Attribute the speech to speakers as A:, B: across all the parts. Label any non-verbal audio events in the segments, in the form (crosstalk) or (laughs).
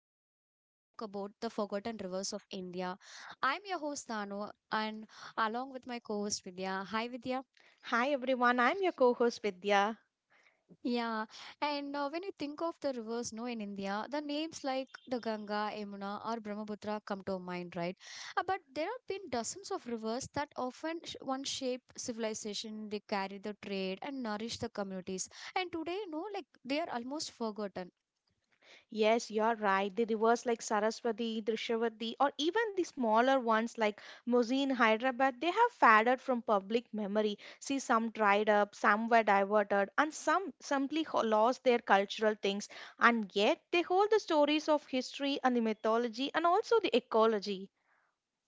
A: Today we're going to talk about the forgotten rivers of India. I'm your host Tanu and along with my co-host Vidya. Hi Vidya.
B: Hi everyone, I'm your co-host Vidya.
A: Yeah. And when you think of the rivers no in India, the names like the Ganga, Yamuna or Brahmaputra come to mind, right? But there have been dozens of rivers that often one shape civilization, they carry the trade and nourish the communities. And today no like they are almost forgotten.
B: Yes, you're right. The rivers like Saraswati, Drishyavati, or even the smaller ones like Musi in Hyderabad, they have faded from public memory. See, some dried up, some were diverted, and some simply lost their cultural things. And yet, they hold the stories of history and the mythology and also the ecology.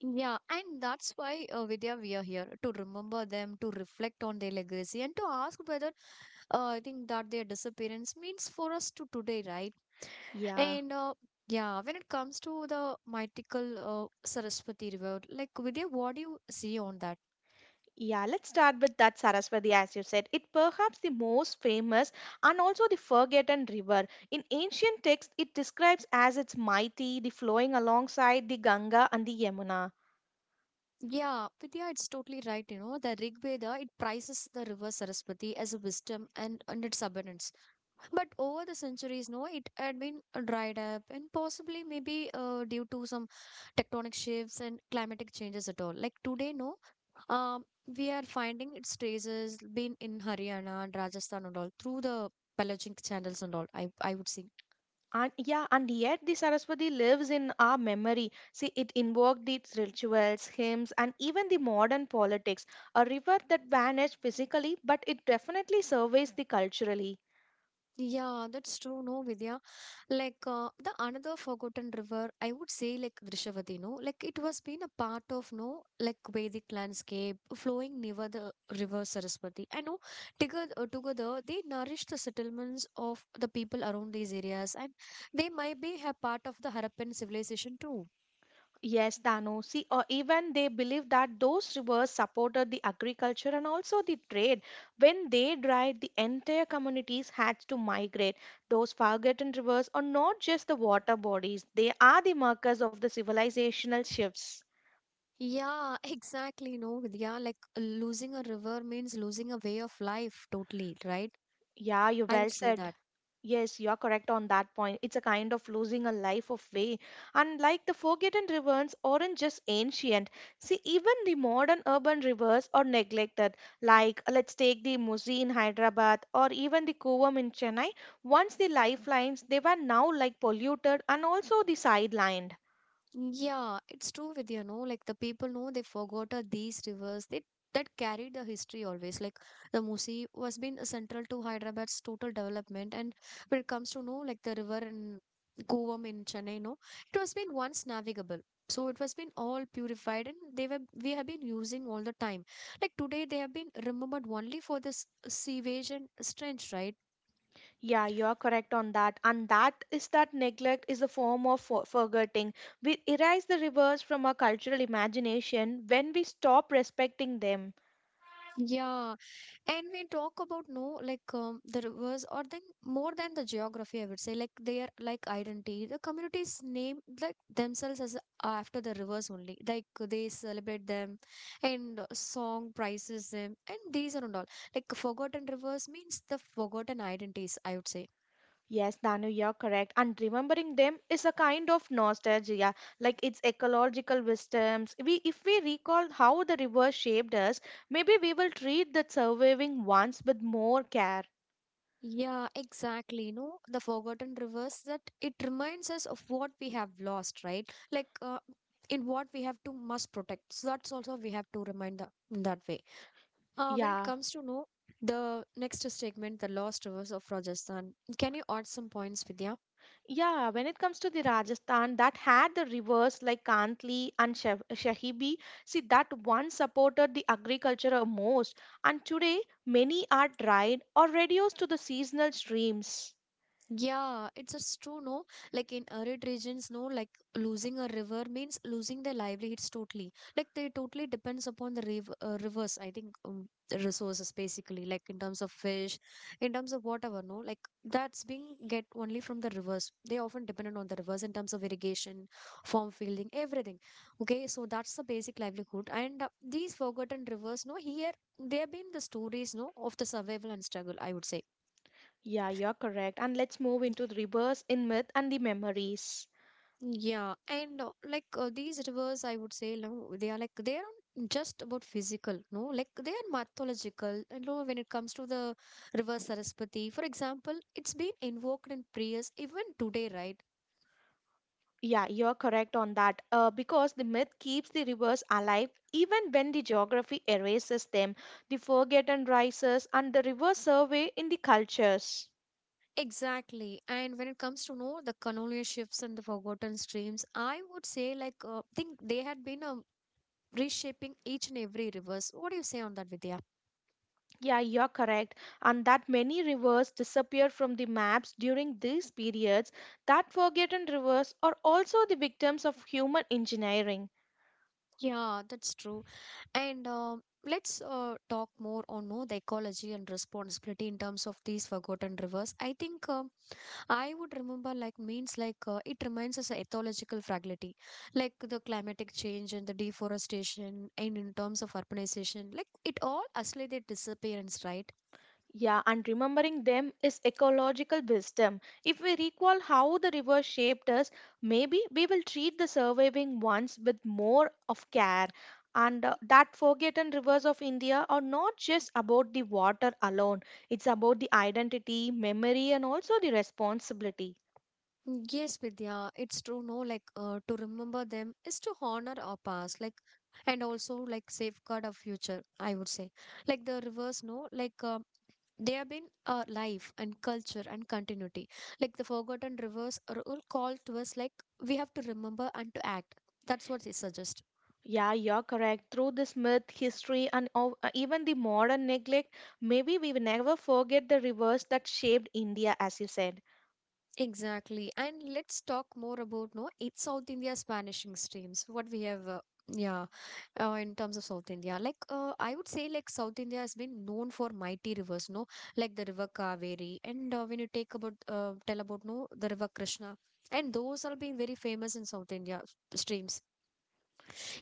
A: Yeah, and that's why, Vidya, we are here to remember them, to reflect on their legacy, and to ask whether I think that their disappearance means for us to today, right?
B: Yeah.
A: And yeah, when it comes to the mythical Saraswati River, like Vidya, what do you see on that?
B: Yeah, let's start with that Saraswati, as you said. It perhaps the most famous and also the forgotten river. In ancient texts, it describes as its mighty, the flowing alongside the Ganga and the Yamuna.
A: Yeah, Vidya, it's totally right. You know, the Rig Veda it praises the river Saraswati as a wisdom and its abundance. But over the centuries, no, it had been dried up and possibly maybe due to some tectonic shifts and climatic changes at all. Like today, no, um, we are finding its traces been in Haryana and Rajasthan and all through the pelagic channels and all. I would say.
B: And yeah, and yet the Saraswati lives in our memory. See, it invoked its rituals, hymns, and even the modern politics. A river that vanished physically, but it definitely surveys the culturally.
A: Yeah, that's true, no, Vidya. Like the another forgotten river, I would say like Drishavati, no, like it was been a part of no like Vedic landscape flowing near the river Saraswati. I know together, together they nourished the settlements of the people around these areas, and they might be a part of the Harappan civilization too.
B: Yes, Dano. See, or even they believe that those rivers supported the agriculture and also the trade. When they dried, the entire communities had to migrate. Those forgotten rivers are not just the water bodies, they are the markers of the civilizational shifts.
A: Yeah, (laughs) exactly, no, Vidya. Like losing a river means losing a way of life, totally, right?
B: Yeah, you
A: I would
B: well
A: say
B: said.
A: that.
B: Yes, you are correct on that point. It's a kind of losing a life of way. And like the forgotten rivers aren't just ancient. See, even the modern urban rivers are neglected. Like, let's take the Musi in Hyderabad or even the Kovam in Chennai. Once the lifelines, they were now like polluted and also the sidelined.
A: Yeah, it's true with you know, like the people know they forgot these rivers. They that carried the history always. Like the Musi was been central to Hyderabad's total development, and when it comes to know like the river in Kovam in Chennai, no, it was been once navigable. So it was been all purified, and they were we have been using all the time. Like today, they have been remembered only for this sewage and strange, right?
B: Yeah, you are correct on that. And that is that neglect is a form of forgetting. We erase the rivers from our cultural imagination when we stop respecting them.
A: Yeah, and we talk about no like the rivers or then more than the geography, I would say like they are like identity. The communities name like themselves as after the rivers only. Like they celebrate them and song praises them and these are and all. Like forgotten rivers means the forgotten identities, I would say.
B: Yes, Danu, you're correct. And remembering them is a kind of nostalgia, like it's ecological wisdoms. We, if we recall how the river shaped us, maybe we will treat the surviving ones with more care.
A: Yeah, exactly, you know, the forgotten rivers that it reminds us of what we have lost, right? Like in what we have to must protect. So that's also we have to remind the, in that way. When it
B: Yeah.
A: comes to know the next segment, the lost rivers of Rajasthan, can you add some points, Vidya?
B: Yeah, when it comes to the Rajasthan that had the rivers like Kantli and Shahibi, see that one supported the agriculture most, and today many are dried or reduced to the seasonal streams.
A: Yeah, it's just true, no? Like in arid regions, no, like losing a river means losing their livelihoods totally. Like they totally depends upon the river, rivers, I think, the resources basically, like in terms of fish, in terms of whatever, no? Like that's being get only from the rivers. They often dependent on the rivers in terms of irrigation, farm fielding, everything. Okay, so that's the basic livelihood. And these forgotten rivers, no, here, there have been the stories, no, of the survival and struggle, I would say.
B: Yeah, you're correct. And let's move into the reverse in myth and the memories.
A: Yeah, and like these rivers, I would say, no, they are not just about physical, no, like they are mythological. You know, when it comes to the river Saraswati, for example, it's been invoked in prayers even today, right?
B: Yeah, you're correct on that. Because the myth keeps the rivers alive even when the geography erases them. The forgotten rises and the river survey in the cultures.
A: Exactly. And when it comes to know the Kanolia ships and the forgotten streams, I would say like think they had been reshaping each and every rivers. What do you say on that, Vidya?
B: Yeah, you're correct. And that many rivers disappear from the maps during these periods. That forgotten rivers are also the victims of human engineering.
A: Yeah, that's true. And let's talk more on no, the ecology and responsibility in terms of these forgotten rivers. I think um, I would remember like means like it reminds us of ecological fragility, like the climatic change and the deforestation, and in terms of urbanization, like it all actually their disappearance, right?
B: Yeah, and remembering them is ecological wisdom. If we recall how the river shaped us, maybe we will treat the surviving ones with more of care. And that forgotten rivers of India are not just about the water alone, it's about the identity, memory, and also the responsibility.
A: Yes, Vidya, it's true. No, like to remember them is to honor our past, like and also like safeguard our future. I would say, like the rivers, no, like they have been life and culture and continuity. Like the forgotten rivers are all called to us, like we have to remember and to act. That's what they suggest.
B: Yeah, you're correct. Through this myth, history, and even the modern neglect, maybe we will never forget the rivers that shaped India, as you said.
A: Exactly. And let's talk more about no, it's South India's vanishing streams. What we have, yeah, in terms of South India, like I would say, like South India has been known for mighty rivers, no, like the river Kaveri, and when you take about tell about no, the river Krishna, and those are being very famous in South India streams.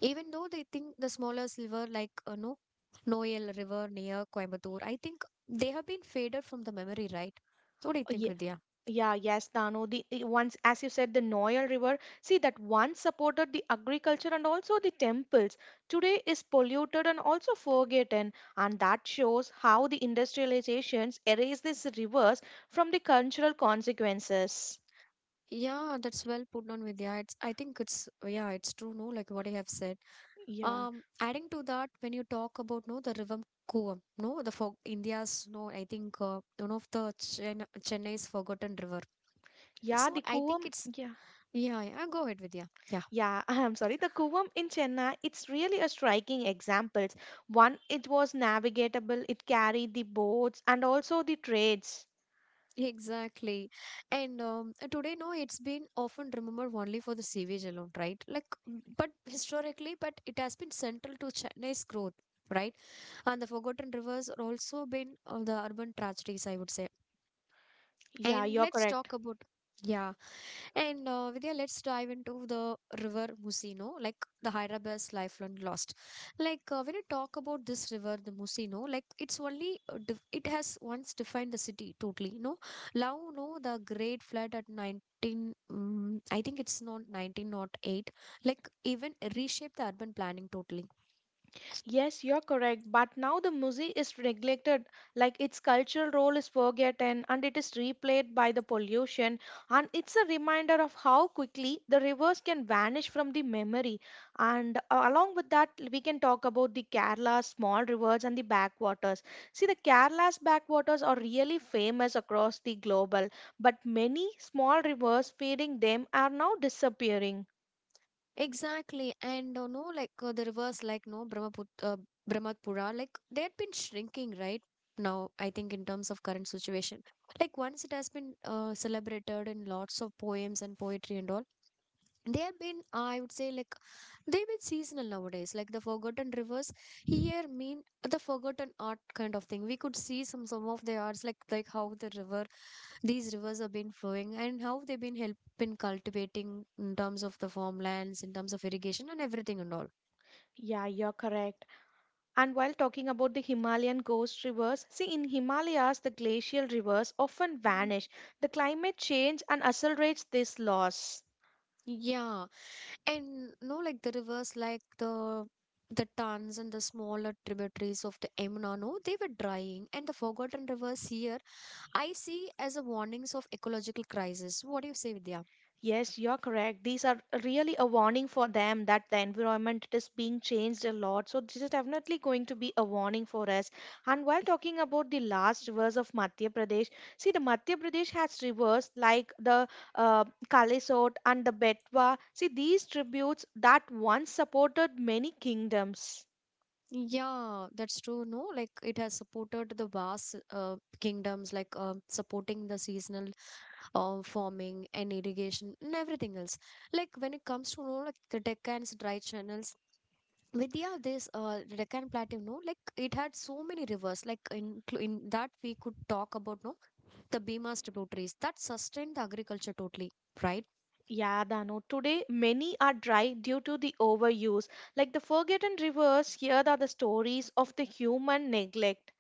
A: Even though they think the smaller sliver like no Noel River near Coimbatore, I think they have been faded from the memory, right? What do you think, Vidya?
B: Yeah, yes, Dano. The once, as you said, the Noel River. See that once supported the agriculture and also the temples. Today is polluted and also forgotten, and that shows how the industrializations erase these rivers from the cultural consequences.
A: Yeah, that's well put on, Vidya. It's I think it's yeah, it's true, no, like what I have said.
B: Yeah,
A: Adding to that, when you talk about no the river Kuvam, no, the for India's no, I think one of the Chennai's forgotten river.
B: yeah,
A: So
B: the
A: I think
B: Kuvam,
A: it's
B: yeah.
A: yeah, yeah. Go ahead, Vidya. Yeah.
B: Yeah, (laughs) I'm sorry. The Kuvam in Chennai, it's really a striking example. One, it was navigable, it carried the boats and also the trades.
A: Exactly. And today, no, it's been often remembered only for the sewage alone, right? Like, mm, but historically, but it has been central to Chennai's growth, right? And the forgotten rivers are also been the urban tragedies, I would say.
B: Yeah,
A: And
B: you're
A: let's
B: correct.
A: talk about, yeah. And Vidya, let's dive into the river Musino, like the Hyderabad's lifelong lost. Like when you talk about this river, the Musino, like it's only it has once defined the city totally. No, now no the Great Flood at 19, mm I think it's not 19 not eight. Like even reshaped the urban planning totally.
B: Yes, you're correct. But now the music is neglected, like its cultural role is forgotten and it is replayed by the pollution. And it's a reminder of how quickly the rivers can vanish from the memory. And along with that, we can talk about the Kerala's small rivers and the backwaters. See, the Kerala's backwaters are really famous across the global, but many small rivers feeding them are now disappearing.
A: Exactly, and you know, like the rivers, like no Brahmaputra, like they had been shrinking right now. I think in terms of current situation, like once it has been celebrated in lots of poems and poetry and all, they have been, I would say like they've been seasonal nowadays. Like the forgotten rivers here mean the forgotten art kind of thing. We could see some of the arts like how the river these rivers have been flowing and how they've been help been cultivating in terms of the farmlands in terms of irrigation and everything and all.
B: Yeah, you're correct. And while talking about the Himalayan ghost rivers, see in Himalayas the glacial rivers often vanish. The climate change and accelerates this loss.
A: Yeah, and no like the rivers like the tons and the smaller tributaries of the Yamuna, no, they were drying, and the forgotten rivers here I see as a warnings of ecological crisis. What do you say, Vidya?
B: Yes, you're correct. These are really a warning for them that the environment is being changed a lot. So this is definitely going to be a warning for us. And while talking about the last rivers of Madhya Pradesh, see the Madhya Pradesh has rivers like the Kalisot and the Betwa. See these tributes that once supported many kingdoms.
A: Yeah, that's true. No, like it has supported the vast kingdoms, like supporting the seasonal farming and irrigation and everything else. Like when it comes to you know, like the Deccan's dry channels. Vidya, this Deccan Plateau, no, like it had so many rivers. Like in that we could talk about no the Bima's tributaries that sustained the agriculture totally, right?
B: Yeah, Dano. Today, many are dry due to the overuse. Like the Forgotten Rivers, here are the stories of the human neglect.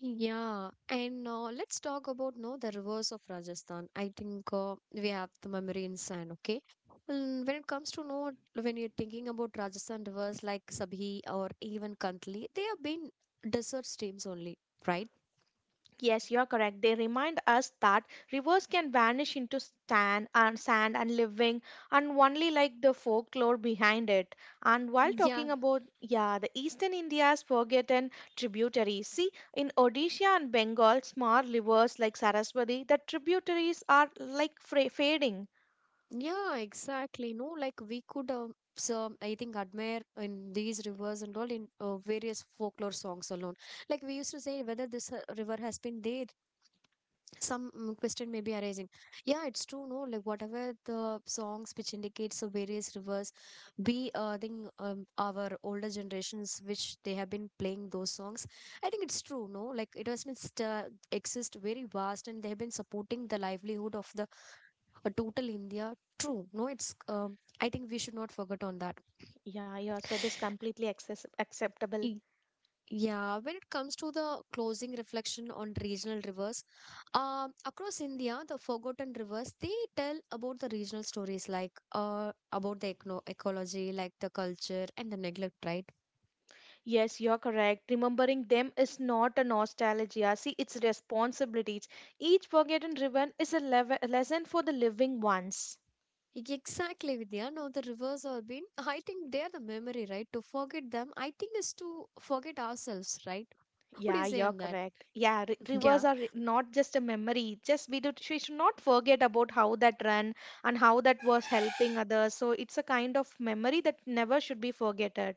A: Yeah, and let's talk about no the reverse of Rajasthan. I think we have the memory in sand. Okay, mm, when it comes to no, when you're thinking about Rajasthan rivers like Sabhi or even Kantli, they have been desert streams only, right?
B: Yes, you are correct. They remind us that rivers can vanish into sand and sand and living and only like the folklore behind it. And while
A: Yeah,
B: talking about yeah, the eastern India's forgotten tributaries. See, in Odisha and Bengal, small rivers like Saraswati, the tributaries are like fading.
A: yeah, exactly. No, like we could so I think admire in these rivers and all in various folklore songs alone. Like we used to say whether this river has been there some mm, question may be arising. Yeah, it's true no like whatever the songs which indicates the various rivers be I think our older generations which they have been playing those songs. I think it's true no like it has been exist very vast and they have been supporting the livelihood of the total India. True no it's um, I think we should not forget on that.
B: Yeah, your set is completely access acceptable.
A: Yeah, when it comes to the closing reflection on regional rivers, across India, the forgotten rivers, they tell about the regional stories like about the ecno ecology, like the culture and the neglect, right?
B: Yes, you're correct. Remembering them is not a nostalgia. See, it's responsibilities. Each forgotten ribbon is a lesson for the living ones.
A: Exactly, Vidya. No, the rivers have been, (laughs) I think they are the memory, right? To forget them, I think is to forget ourselves, right? What do you
B: Yeah,
A: say
B: you're
A: on that?
B: correct. Yeah, ri rivers
A: Yeah.
B: are not just a memory. Just we do, we should not forget about how that ran and how that was helping others. So it's a kind of memory that never should be forgotten.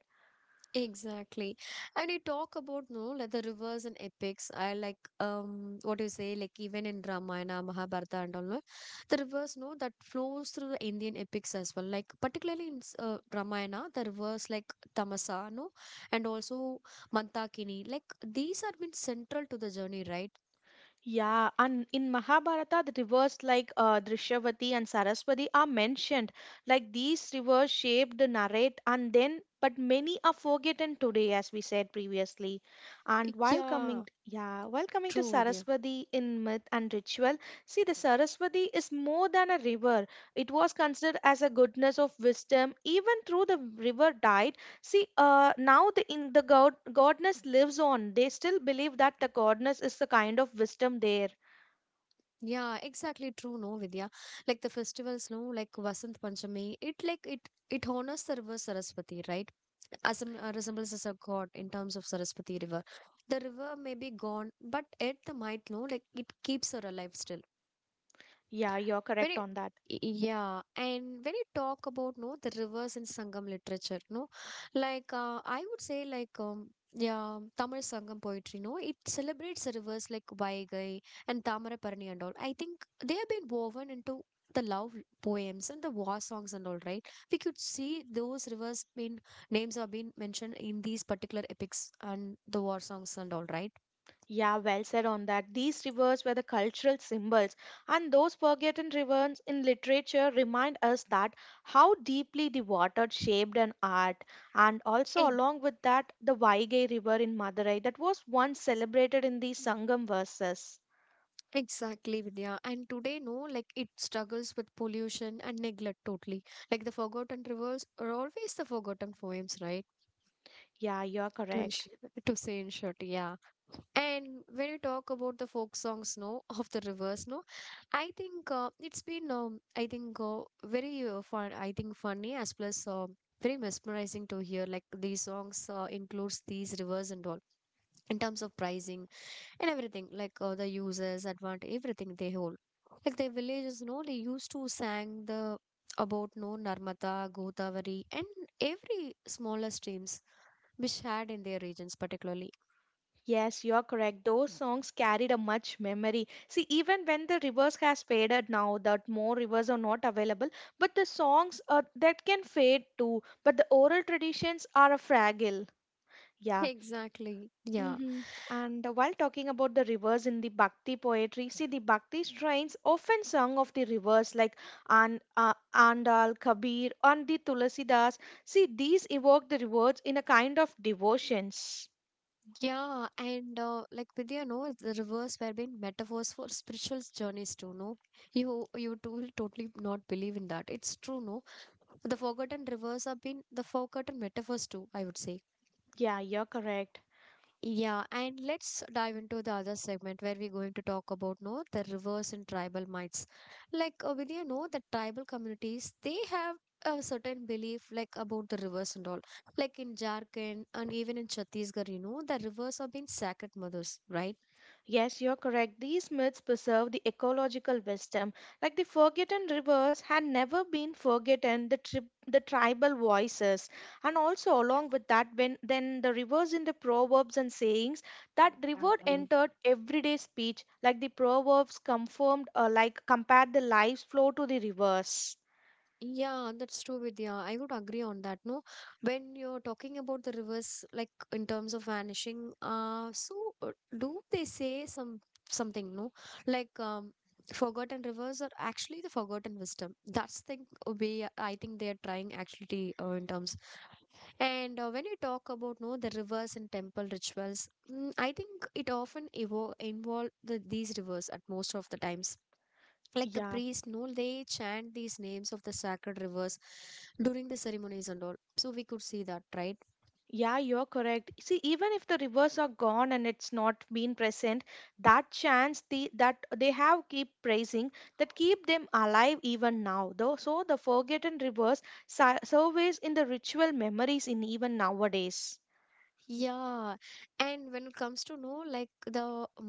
A: Exactly. And you talk about no like the rivers and epics. I like what do you say, like even in Ramayana, Mahabharata and all no, the rivers no that flows through the Indian epics as well. Like particularly in Ramayana, the rivers like Tamasa, no, and also Mantakini. Like these have been central to the journey, right?
B: Yeah, and in Mahabharata, the rivers like Drishyavati and Saraswati are mentioned. Like these rivers shaped the narrate, and then, but many are forgotten today, as we said previously. And while
A: Yeah,
B: coming, yeah, while coming to
A: true, Vidya.
B: Saraswati in myth and ritual, see the Saraswati is more than a river. It was considered as a goodness of wisdom, even through the river died. See, now the in the god godness lives on. They still believe that the godness is the kind of wisdom there.
A: Yeah, exactly true, no, Vidya. Like the festivals, no, like Vasant Panchami, it like it honors the river Saraswati, right? As a, resembles as a god in terms of Saraswati river. The river may be gone, but at the might, no, like it keeps her alive still
B: Yeah, you're
A: when
B: correct
A: it
B: on that.
A: yeah. And when you talk about no the rivers in sangam literature, no, like I would say like yeah, Tamil sangam poetry, no, it celebrates the rivers like Vaigai and Tamaraparani and all. I think they have been woven into the love poems and the war songs and all, right? We could see those rivers been names are being mentioned in these particular epics and the war songs and all,
B: Yeah, well said on that. These rivers were the cultural symbols, and those forgotten rivers in literature remind us that how deeply the water shaped an art, and also
A: right?
B: along with that, the Vaigai River in Madurai that was once celebrated in the Sangam verses.
A: Exactly, Vidya. And today, no, like it struggles with pollution and neglect totally. Like the forgotten rivers are always the forgotten poems, right?
B: Yeah, you're
A: To,
B: correct.
A: ensure, to say in short, yeah. And when you talk about the folk songs, no, (laughs) of the rivers, no, I think it's been, I think, very fun. I think funny as plus very mesmerizing to hear. Like these songs includes these rivers and all in terms of pricing and everything, like the uses advantage, everything they hold, like the villages, no, they used to sang the about, no, Narmada, Godavari, and every smaller streams which had in their regions particularly.
B: Yes, you're correct. Those songs carried a much memory. See, even when the rivers has faded now, that more rivers are not available, but the songs that can fade too. But the oral traditions are a fragile.
A: (laughs)
B: Yeah.
A: Exactly, yeah.
B: Hmm. And while talking about the rivers in the bhakti poetry, see the bhakti strains often sung of the rivers like An Andal, Kabir, and the Tulasidas. See, these evoke the rivers in a kind of devotions.
A: Yeah, and like Vidya, no, the rivers were being metaphors for spiritual journeys too, no. You, you too totally not believe in that, it's true, no. The forgotten rivers have been the forgotten metaphors too, I would say.
B: Yeah, you're correct.
A: Yeah, and let's dive into the other segment where we're going to talk about, no, the reverse in tribal myths. Like will you know, the tribal communities, they have a certain belief like about the rivers and all. Like in Jharkhand and even in Chhattisgarh, you know, the rivers are being sacred mothers, right?
B: Yes, you're correct. These myths preserve the ecological wisdom. Like the forgotten rivers had never been forgotten, the, the tribal voices. And also, along with that, when then the rivers in the proverbs and sayings, that river entered everyday speech. Like the proverbs confirmed, like compared the life's flow to the rivers.
A: Yeah, that's true, Vidya. I would agree on that. No, when you're talking about the rivers, like in terms of vanishing, so uh, do they say some something? No, like forgotten rivers are actually the forgotten wisdom. That's the way I think they are trying actually in terms. And when you talk about no the rivers and temple rituals, mm, I think it often evo involve the, these rivers at most of the times, like the
B: Yeah.
A: priest, no, they chant these names of the sacred rivers during the ceremonies and all. So we could see that, right?
B: Yeah, you're correct. See, even if the rivers are gone and it's not been present, that chance the, that they have keep praising that keep them alive even now. Though, so the forgotten rivers surveys in the ritual memories in even nowadays.
A: Yeah, and when it comes to know like the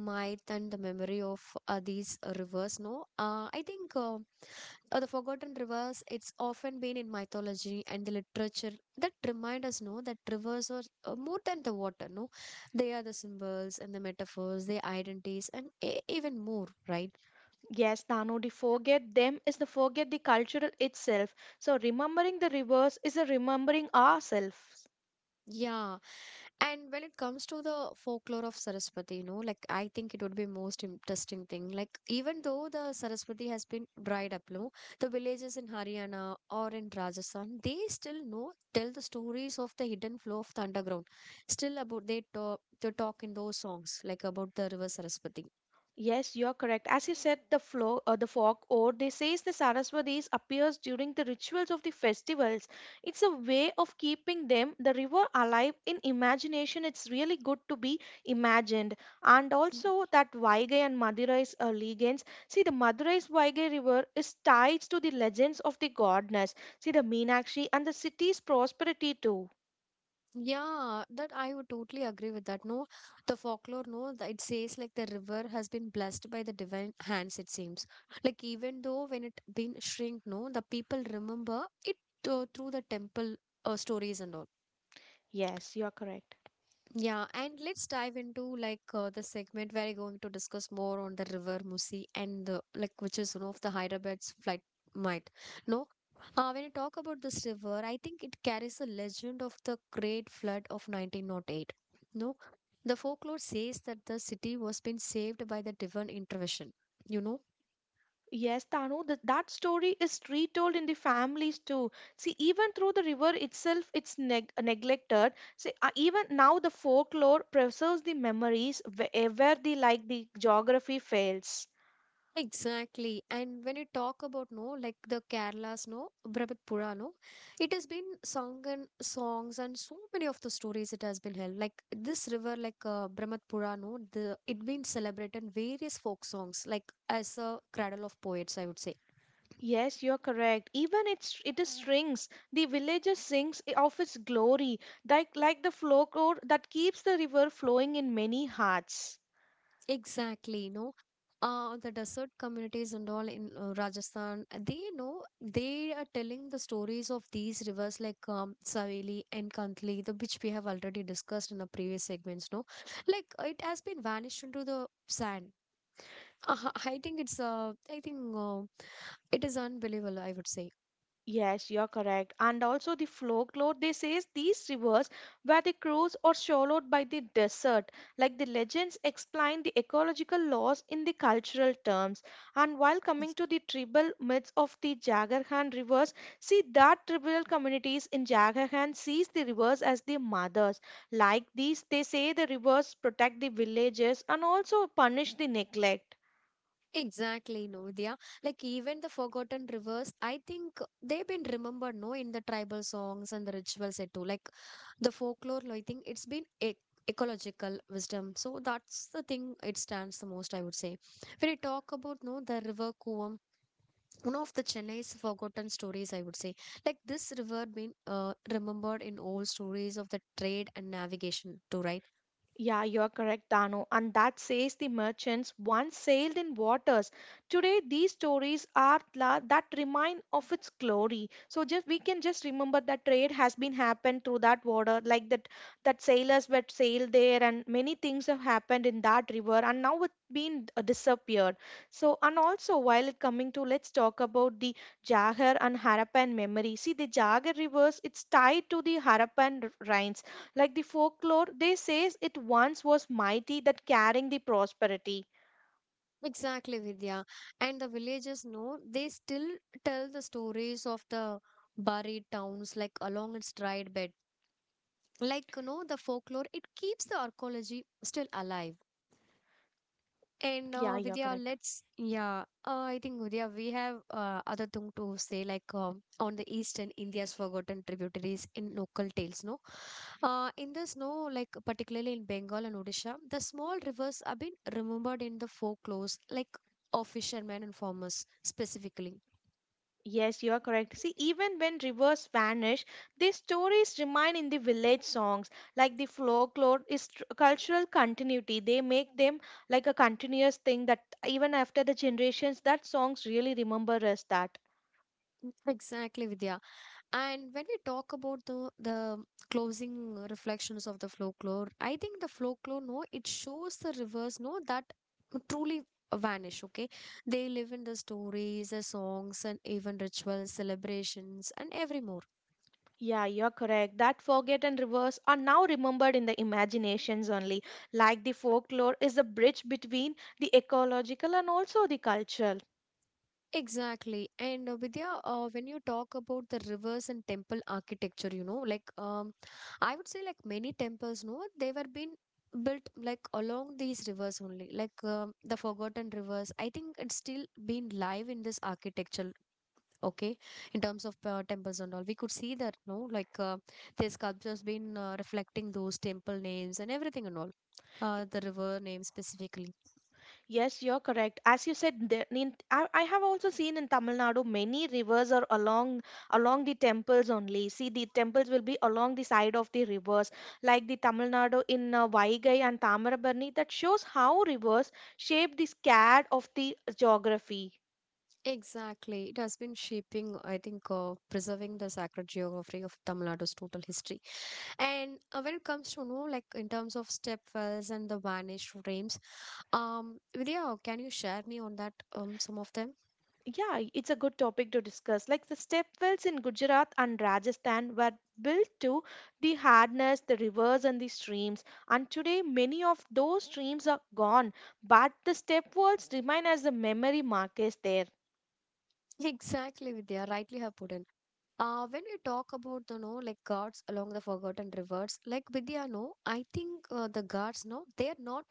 A: myth and the memory of these rivers, no, I think the forgotten rivers it's often been in mythology and the literature that remind us, no, that rivers are more than the water, no. They are the symbols and the metaphors, their identities and even more, right?
B: Yes, Danu, the forget them is the forget the cultural itself. So remembering the rivers is a remembering ourselves.
A: Yeah. And when it comes to the folklore of Saraswati, you know, like I think it would be most interesting thing. Like even though the Saraswati has been dried up, no, the villages in Haryana or in Rajasthan, they still know tell the stories of the hidden flow of the underground. Still about they talk in those songs like about the river Saraswati.
B: Yes, you're correct. As you said, the flow, the folk ode, they says the Saraswatis appears during the rituals of the festivals. It's a way of keeping them, the river, alive in imagination. It's really good to be imagined. And also that Vaigai and Madurai's legends. See, the Madurai's Vaigai river is tied to the legends of the goddess. See, the Meenakshi and the city's prosperity too.
A: Yeah, that I would totally agree with that. No, the folklore, no, it says like the river has been blessed by the divine hands, it seems. Like even though when it been shrink, no, the people remember it through the temple stories and all.
B: Yes, you're correct.
A: Yeah, and let's dive into like the segment where we're going to discuss more on the river Musi and the like, which is one of the Hyderabad's flight might. No, when you talk about this river, I think it carries the legend of the Great Flood of 1908. No, the folklore says that the city was being saved by the divine intervention, you know.
B: Yes, Tanu, that story is retold in the families too. See, even through the river itself, it's neglected. See, even now the folklore preserves the memories wherever the like the geography fails.
A: Exactly. And when you talk about, no, like the Kerala's, no, Brabhat Pura, no, it has been sung and songs and so many of the stories it has been held. Like this river, like Brahmat Pura, no, the it been celebrated in various folk songs, like as a cradle of poets, I would say.
B: Yes, you're correct. Even it's it is strings. The villager sings of its glory, like the folklore that keeps the river flowing in many hearts.
A: Exactly, no. The desert communities and all in Rajasthan, they know they are telling the stories of these rivers like Saveli and Kantli, the which we have already discussed in the previous segments. No, like it has been vanished into the sand. (laughs) I think it is unbelievable, I would say.
B: Yes, you're correct. And also the folklore, they says these rivers were the crows or swallowed by the desert. Like the legends explain the ecological laws in the cultural terms. And while coming to the tribal myths of the Jagarhan rivers, see that tribal communities in Jagarhan sees the rivers as the mothers. Like these, they say the rivers protect the villages and also punish the neglect.
A: Exactly, Nordhya. Like even the forgotten rivers, I think they've been remembered, no, in the tribal songs and the rituals and too. Like the folklore, I think it's been e ecological wisdom. So that's the thing it stands the most, I would say. When you talk about, no, the river Kuvam, one of the Chennai's forgotten stories, I would say. Like this river been remembered in old stories of the trade and navigation too, right?
B: Yeah, you're correct, Dano. And that says the merchants once sailed in waters. Today, these stories are that remind of its glory. So just we can just remember that trade has been happened through that water, like that sailors were sailed there, and many things have happened in that river, and now it's been disappeared. So and also while it coming to, let's talk about the Jagar and Harappan memory. See, the Jagar rivers, it's tied to the Harappan rains like the folklore, they says it once was mighty that carrying the prosperity.
A: Exactly, Vidya. And the villagers know they still tell the stories of the buried towns like along its dried bed. Like, you know, the folklore, it keeps the archaeology still alive. And
B: Yeah, you're
A: Vidya,
B: correct.
A: let's yeah. I think Vidya, we have other thing to say, like on the eastern India's forgotten tributaries in local tales. No, in this, no, like particularly in Bengal and Odisha, the small rivers have been remembered in the folklore, like of fishermen and farmers specifically.
B: Yes, you are correct. See, even when rivers vanish, these stories remain in the village songs. Like the folklore is cultural continuity. They make them like a continuous thing that even after the generations, that songs really remember us that.
A: Exactly, Vidya. And when we talk about the closing reflections of the folklore, I think the folklore, no, it shows the rivers, no, that truly vanish. Okay, they live in the stories, the songs, and even rituals, celebrations, and every more.
B: Yeah, you're correct. That forget and rivers are now remembered in the imaginations only. Like the folklore is the bridge between the ecological and also the cultural.
A: Exactly. And Vidya, when you talk about the rivers and temple architecture, you know, like I would say, like many temples, no, they were been built like along these rivers only, like the forgotten rivers. I think it's still been live in this architecture. Okay, in terms of temples and all, we could see that, no, like the sculptures been reflecting those temple names and everything and all. The river names specifically.
B: Yes, you're correct. As you said, I have also seen in Tamil Nadu many rivers are along the temples only. See, the temples will be along the side of the rivers, like the Tamil Nadu in Vaigai and Tamarabarni. That shows how rivers shape the scad of the geography.
A: Exactly. It has been shaping, I think, preserving the sacred geography of Tamil Nadu's total history. And when it comes to, you know, like in terms of stepwells and the vanished frames, Vidya, can you share me on that, some of them?
B: Yeah, it's a good topic to discuss. Like the step wells in Gujarat and Rajasthan were built to the hardness, the rivers, and the streams. And today, many of those streams are gone, but the step wells remain as the memory markers there.
A: (laughs) Exactly, Vidya, rightly have put in. When we talk about the no like guards along the forgotten rivers, like Vidya, no, I think the guards, no, they are not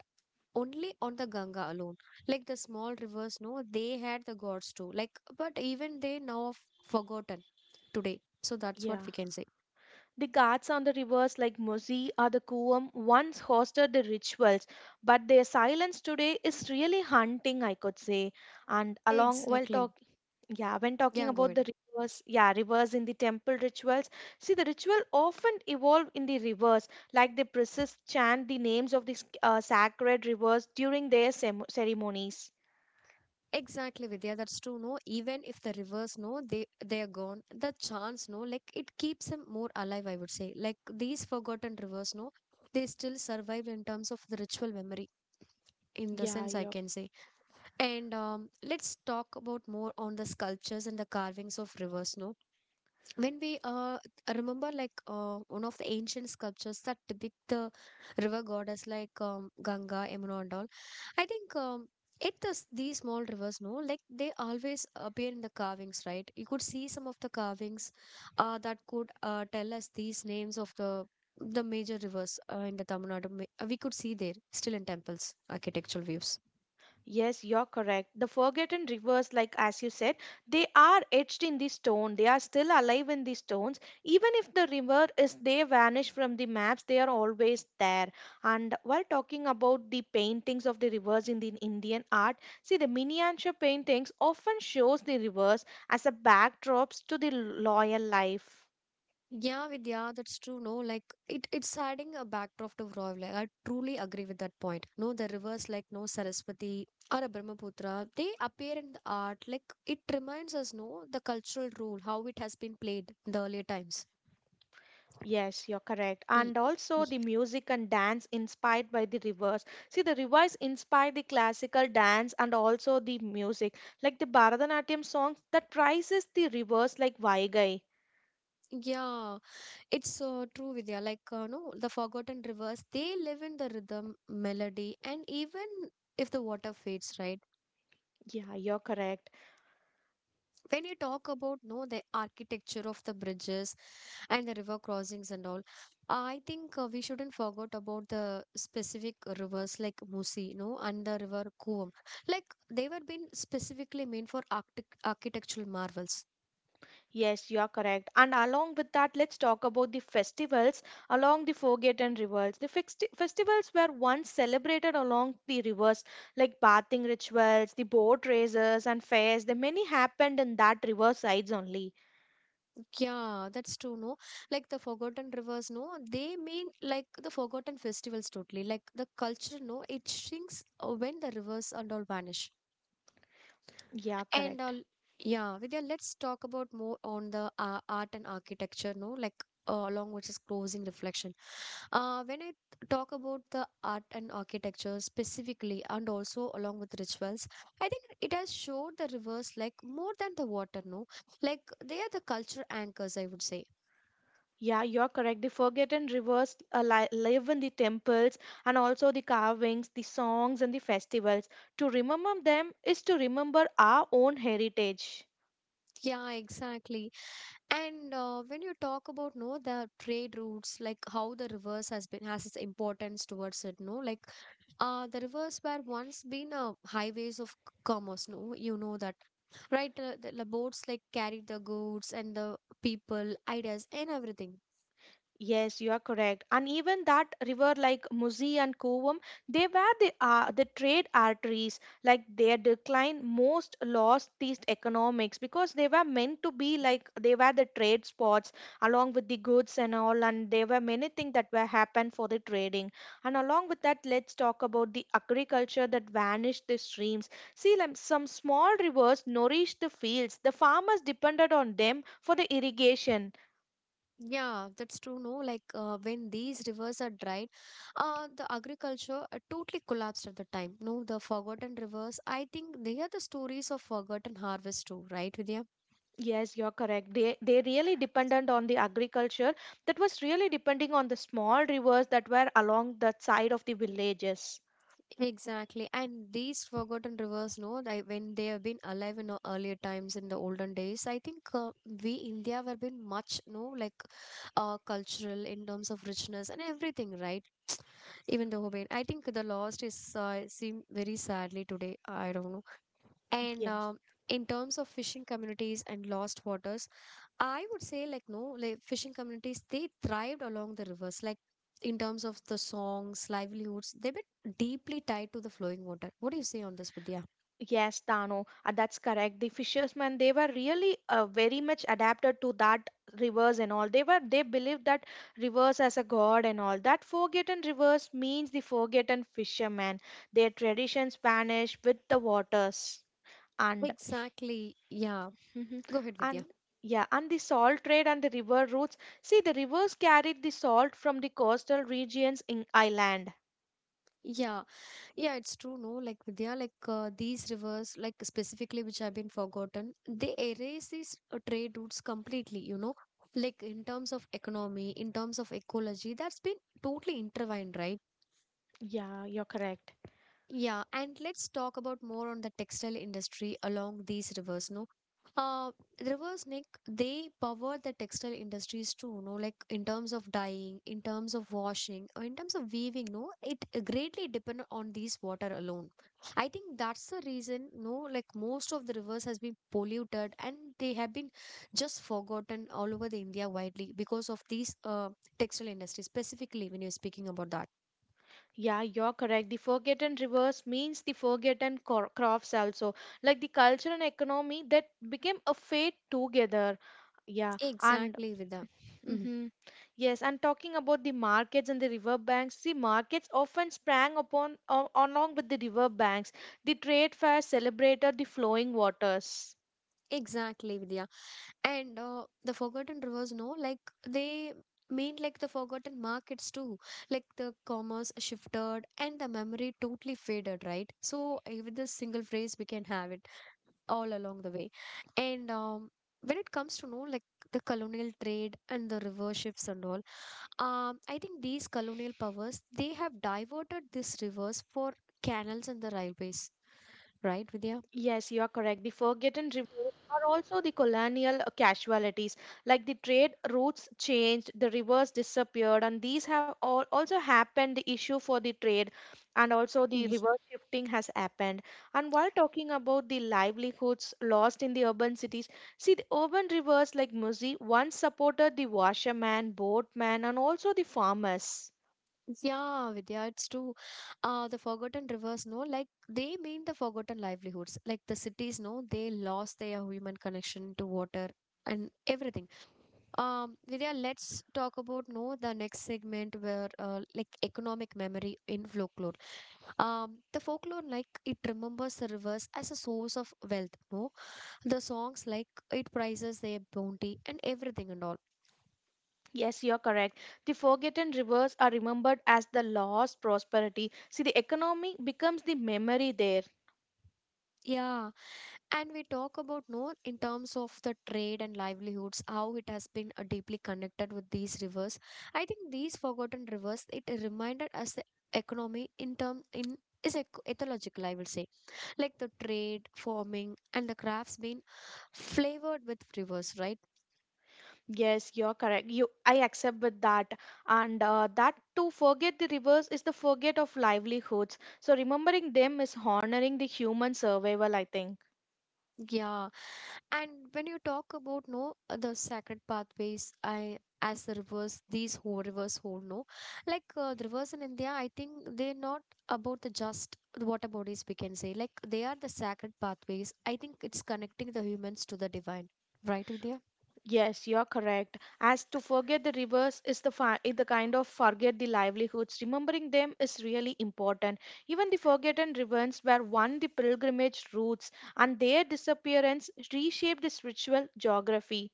A: only on the Ganga alone. Like the small rivers, no, they had the gods too. Like, but even they now have forgotten today. So that's what
B: Yeah.
A: we can say.
B: The gods on the rivers like Mosi or the Kuam once hosted the rituals, but their silence today is really haunting, I could say. And along while
A: Exactly.
B: talking, yeah, when talking
A: Yeah, go
B: about
A: ahead.
B: the rivers, yeah, rivers in the temple rituals, see the ritual often evolve in the rivers, like the priests chant the names of the sacred rivers during their ceremonies.
A: Exactly, Vidya. That's true. No, even if the rivers, no, they are gone. The chance, no, like it keeps them more alive. I would say, like these forgotten rivers, no, they still survive in terms of the ritual memory, in the
B: Yeah,
A: sense, I
B: yeah.
A: can say. And let's talk about more on the sculptures and the carvings of rivers, no, when we I remember like one of the ancient sculptures that depict the river goddess like Ganga, Yamuna and all. I think it does these small rivers, no, like they always appear in the carvings, right? You could see some of the carvings that could tell us these names of the major rivers in the Tamil Nadu we could see there still in temples architectural views.
B: Yes, you're correct. The forgotten rivers, like as you said, they are etched in the stone. They are still alive in the stones. Even if the river is they vanish from the maps, they are always there. And while talking about the paintings of the rivers in the Indian art, see the miniature paintings often shows the rivers as a backdrops to the loyal life.
A: Yeah, Vidya, that's true. No, like it, it's adding a backdrop to Rav. Like I truly agree with that point. No, the rivers like no Saraswati or a Brahmaputra, they appear in the art. Like it reminds us, no, the cultural role, how it has been played in the earlier times.
B: Yes, you're correct.
A: Y-
B: And also the
A: y-
B: music and dance inspired by the rivers. See, the rivers inspire the classical dance and also the music, like the Bharatanatyam songs that praises the rivers like Vaigai.
A: Yeah, it's so true, Vidya. Like no, the forgotten rivers, they live in the rhythm, melody, and even if the water fades, right?
B: Yeah, you're correct.
A: When you talk about no, the architecture of the bridges and the river crossings and all. I think we shouldn't forget about the specific rivers like Musi, no, and the river Kuam. Like they were been specifically meant for arctic architectural marvels.
B: Yes, you're correct. And along with that, let's talk about the festivals along the forgotten rivers. The festivals were once celebrated along the rivers, like bathing rituals, the boat races, and fairs. The many happened in that river sides only.
A: Yeah, that's true, no. Like the forgotten rivers, no, they mean like the forgotten festivals totally. Like the culture, no, it shrinks when the rivers and all vanish.
B: Yeah,
A: And uh,
B: correct.
A: yeah, Vidya, let's talk about more on the art and architecture, no, like along with this closing reflection. When I talk about the art and architecture specifically, and also along with rituals, I think it has showed the rivers like more than the water, no? Like they are the culture anchors, I would say.
B: Yeah, you're correct. The forgotten rivers live in the temples and also the carvings, the songs, and the festivals. To remember them is to remember our own heritage.
A: Yeah, exactly. And when you talk about no the trade routes, like how the rivers has its importance towards it, no? Like the rivers were once been highways of commerce, no? You know that, right? The boats like carried the goods and the people, ideas, and everything.
B: Yes, you are correct. And even that river like Musi and Kovam, they were the trade arteries. Like their decline most lost these economics because they were meant to be like they were the trade spots along with the goods and all, and there were many things that were happened for the trading. And along with that, let's talk about the agriculture that vanished the streams. See, like, some small rivers nourished the fields. The farmers depended on them for the irrigation.
A: Yeah, that's true. No, like when these rivers are dried, the agriculture totally collapsed at the time. No, the forgotten rivers, I think they are the stories of forgotten harvest too, right, Vidya?
B: Yes, you're correct. They really dependent on the agriculture that was really depending on the small rivers that were along the side of the villages.
A: Exactly. And these forgotten rivers, no, they, when they have been alive in the earlier times, in the olden days, I think we India have been much, no, like cultural in terms of richness and everything, right? (tsk) Even the Hobain. I think the lost is seem very sadly today. I don't know. And
B: Yes.
A: In terms of fishing communities and lost waters, I would say like no, like fishing communities they thrived along the rivers. Like in terms of the songs, livelihoods, they've deeply tied to the flowing water. What do you say on this, Vidya?
B: Yes, Dano, that's correct. The fishermen, they were really very much adapted to that rivers and all. They believed that rivers as a god and all. That forgotten rivers means the forgotten fishermen. Their traditions vanish with the waters. And
A: Exactly. Yeah.
B: hmm.
A: Go ahead,
B: And
A: Vidya.
B: yeah, and the salt trade and the river routes. See, the rivers carried the salt from the coastal regions in Ireland.
A: Yeah. Yeah, it's true, no? Like, Vidya, like these rivers, like specifically which have been forgotten, they erase these trade routes completely, you know? Like, in terms of economy, in terms of ecology, that's been totally intertwined, right?
B: Yeah, you're correct.
A: Yeah, and let's talk about more on the textile industry along these rivers, no? Uh, rivers, Nick, they power the textile industries too, no? Like in terms of dyeing, in terms of washing, or in terms of weaving, no? It greatly depend on these water alone. I think that's the reason, no? Like most of the rivers has been polluted and they have been just forgotten all over the India widely because of these textile industry, specifically when you're speaking about that.
B: Yeah, you're correct. The forgotten rivers means the forgotten crops also, like the culture and economy that became a fate together. Yeah, and
A: Exactly, Vida. Mhm.
B: hmm, yes, and talking about the markets and the river banks, see, markets often sprang upon along with the river banks. The trade fairs celebrated the flowing waters.
A: Exactly, Vidya. And the Forgotten Rivers, no, like they mean like the forgotten markets too. Like the commerce shifted and the memory totally faded, right? So eh, with this single phrase, we can have it all along the way. And when it comes to know like the colonial trade and the river shifts and all, I think these colonial powers they have diverted these rivers for canals and the railways, right, Vidya?
B: Yes, you are correct. The forgotten rivers are also the colonial casualties. Like the trade routes changed, the rivers disappeared, and these have all also happened. The issue for the trade and also the river shifting has happened. And while talking about the livelihoods lost in the urban cities, see the urban rivers like Musi once supported the washerman, boatman, and also the farmers.
A: Yeah, Vidya, it's true. The forgotten rivers, no, like they mean the forgotten livelihoods. Like the cities, no, they lost their human connection to water and everything. Vidya, let's talk about no the next segment where like economic memory in folklore. The folklore like it remembers the rivers as a source of wealth. No, the songs like it prizes their bounty and everything and all.
B: Yes, you're correct. The forgotten rivers are remembered as the lost prosperity. See, the economy becomes the memory there.
A: Yeah, and we talk about no in terms of the trade and livelihoods how it has been deeply connected with these rivers. I think these forgotten rivers it reminded us the economy in term in is ethological, I will say, like the trade farming and the crafts being flavored with rivers, right?
B: Yes, you're correct. You, I accept with that, and that to forget the rivers is the forget of livelihoods. So remembering them is honoring the human survival, I think.
A: Yeah. And when you talk about no the sacred pathways, I as the rivers, these whole rivers hold no, like the rivers in India, I think they're not about the just the water bodies we can say, like they are the sacred pathways. I think it's connecting the humans to the divine, right, Vidya?
B: Yes, you're correct. As to forget the rivers is the is the kind of forget the livelihoods. Remembering them is really important. Even the forgotten rivers were one the pilgrimage routes, and their disappearance reshaped the spiritual geography.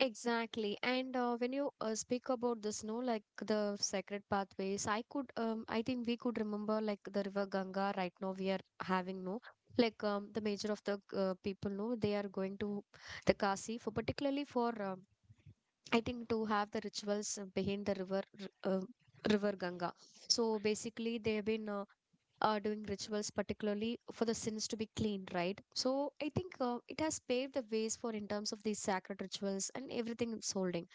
A: Exactly. And when you speak about this, no, like the sacred pathways, I could, I think we could remember like the river Ganga right now we are having, no, like the major of the people, no, they are going to the Kasi for particularly for, um, I think to have the rituals behind the river, river Ganga. So basically they have been doing rituals, particularly for the sins to be cleaned, right? So I think it has paved the ways for in terms of these sacred rituals and everything it's holding.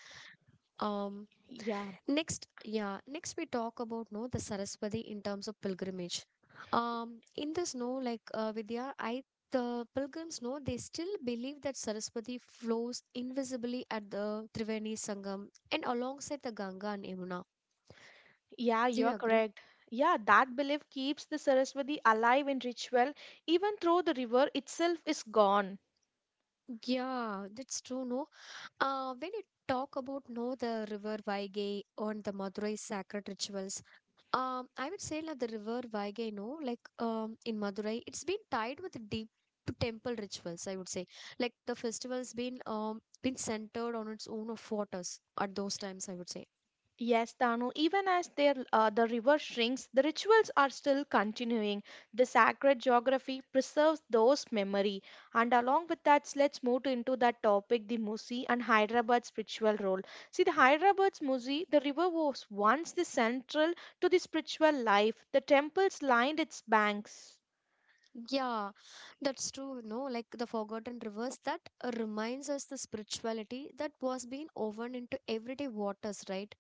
A: Um,
B: Yeah,
A: next we talk about no the Saraswati in terms of pilgrimage. In this, no, like Vidya, I the pilgrims know they still believe that Saraswati flows invisibly at the Triveni Sangam and alongside the Ganga and Yamuna.
B: yeah,
A: Do you
B: you're
A: agree?
B: correct. Yeah, that belief keeps the Saraswati alive in ritual, even though the river itself is gone.
A: Yeah, that's true. No, when you talk about know the river Vaigai on the Madurai sacred rituals, I would say like the river Vaigai, no, like in Madurai, it's been tied with deep to temple rituals. I would say like the festival's been centered on its own of waters at those times. I would say.
B: Yes, Danu, even as their, the river shrinks, the rituals are still continuing. The sacred geography preserves those memory. And along with that, let's into that topic, the Musi and Hyderabad's spiritual role. See, the Hyderabad's Musi, the river was once the central to the spiritual life. The temples lined its banks.
A: Yeah, that's true. No, like the forgotten rivers that reminds us the spirituality that was being woven into everyday waters, right?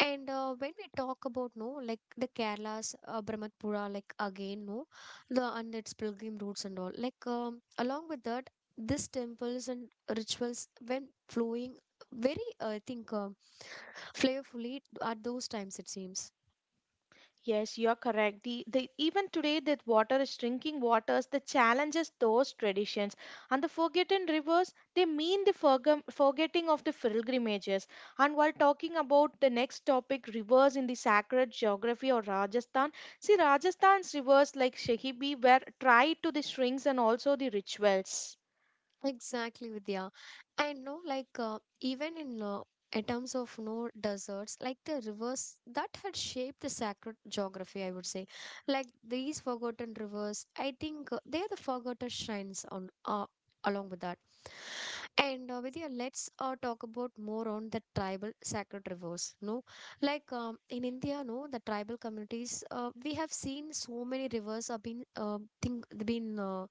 A: And when we talk about no, like the Kerala's Brahmaputra, like again no, the and its pilgrim routes and all. Like along with that, these temples and rituals when flowing very, flavorfully at those times it seems.
B: Yes, you're correct. The even today that water is drinking waters, the challenges those traditions. And the forgotten rivers, they mean the forgum forgetting of the pilgrimages. And while talking about the next topic, rivers in the sacred geography of Rajasthan, see Rajasthan's rivers like Shahibi were tied to the strings and also the rituals.
A: Exactly, Vidya. I know, like, even in terms of no deserts, like the rivers that had shaped the sacred geography, I would say, like these forgotten rivers, I think they are the forgotten shrines on along with that. And Vidya, let's talk about more on the tribal sacred rivers. No, like in India, no, the tribal communities, we have seen so many rivers have been think been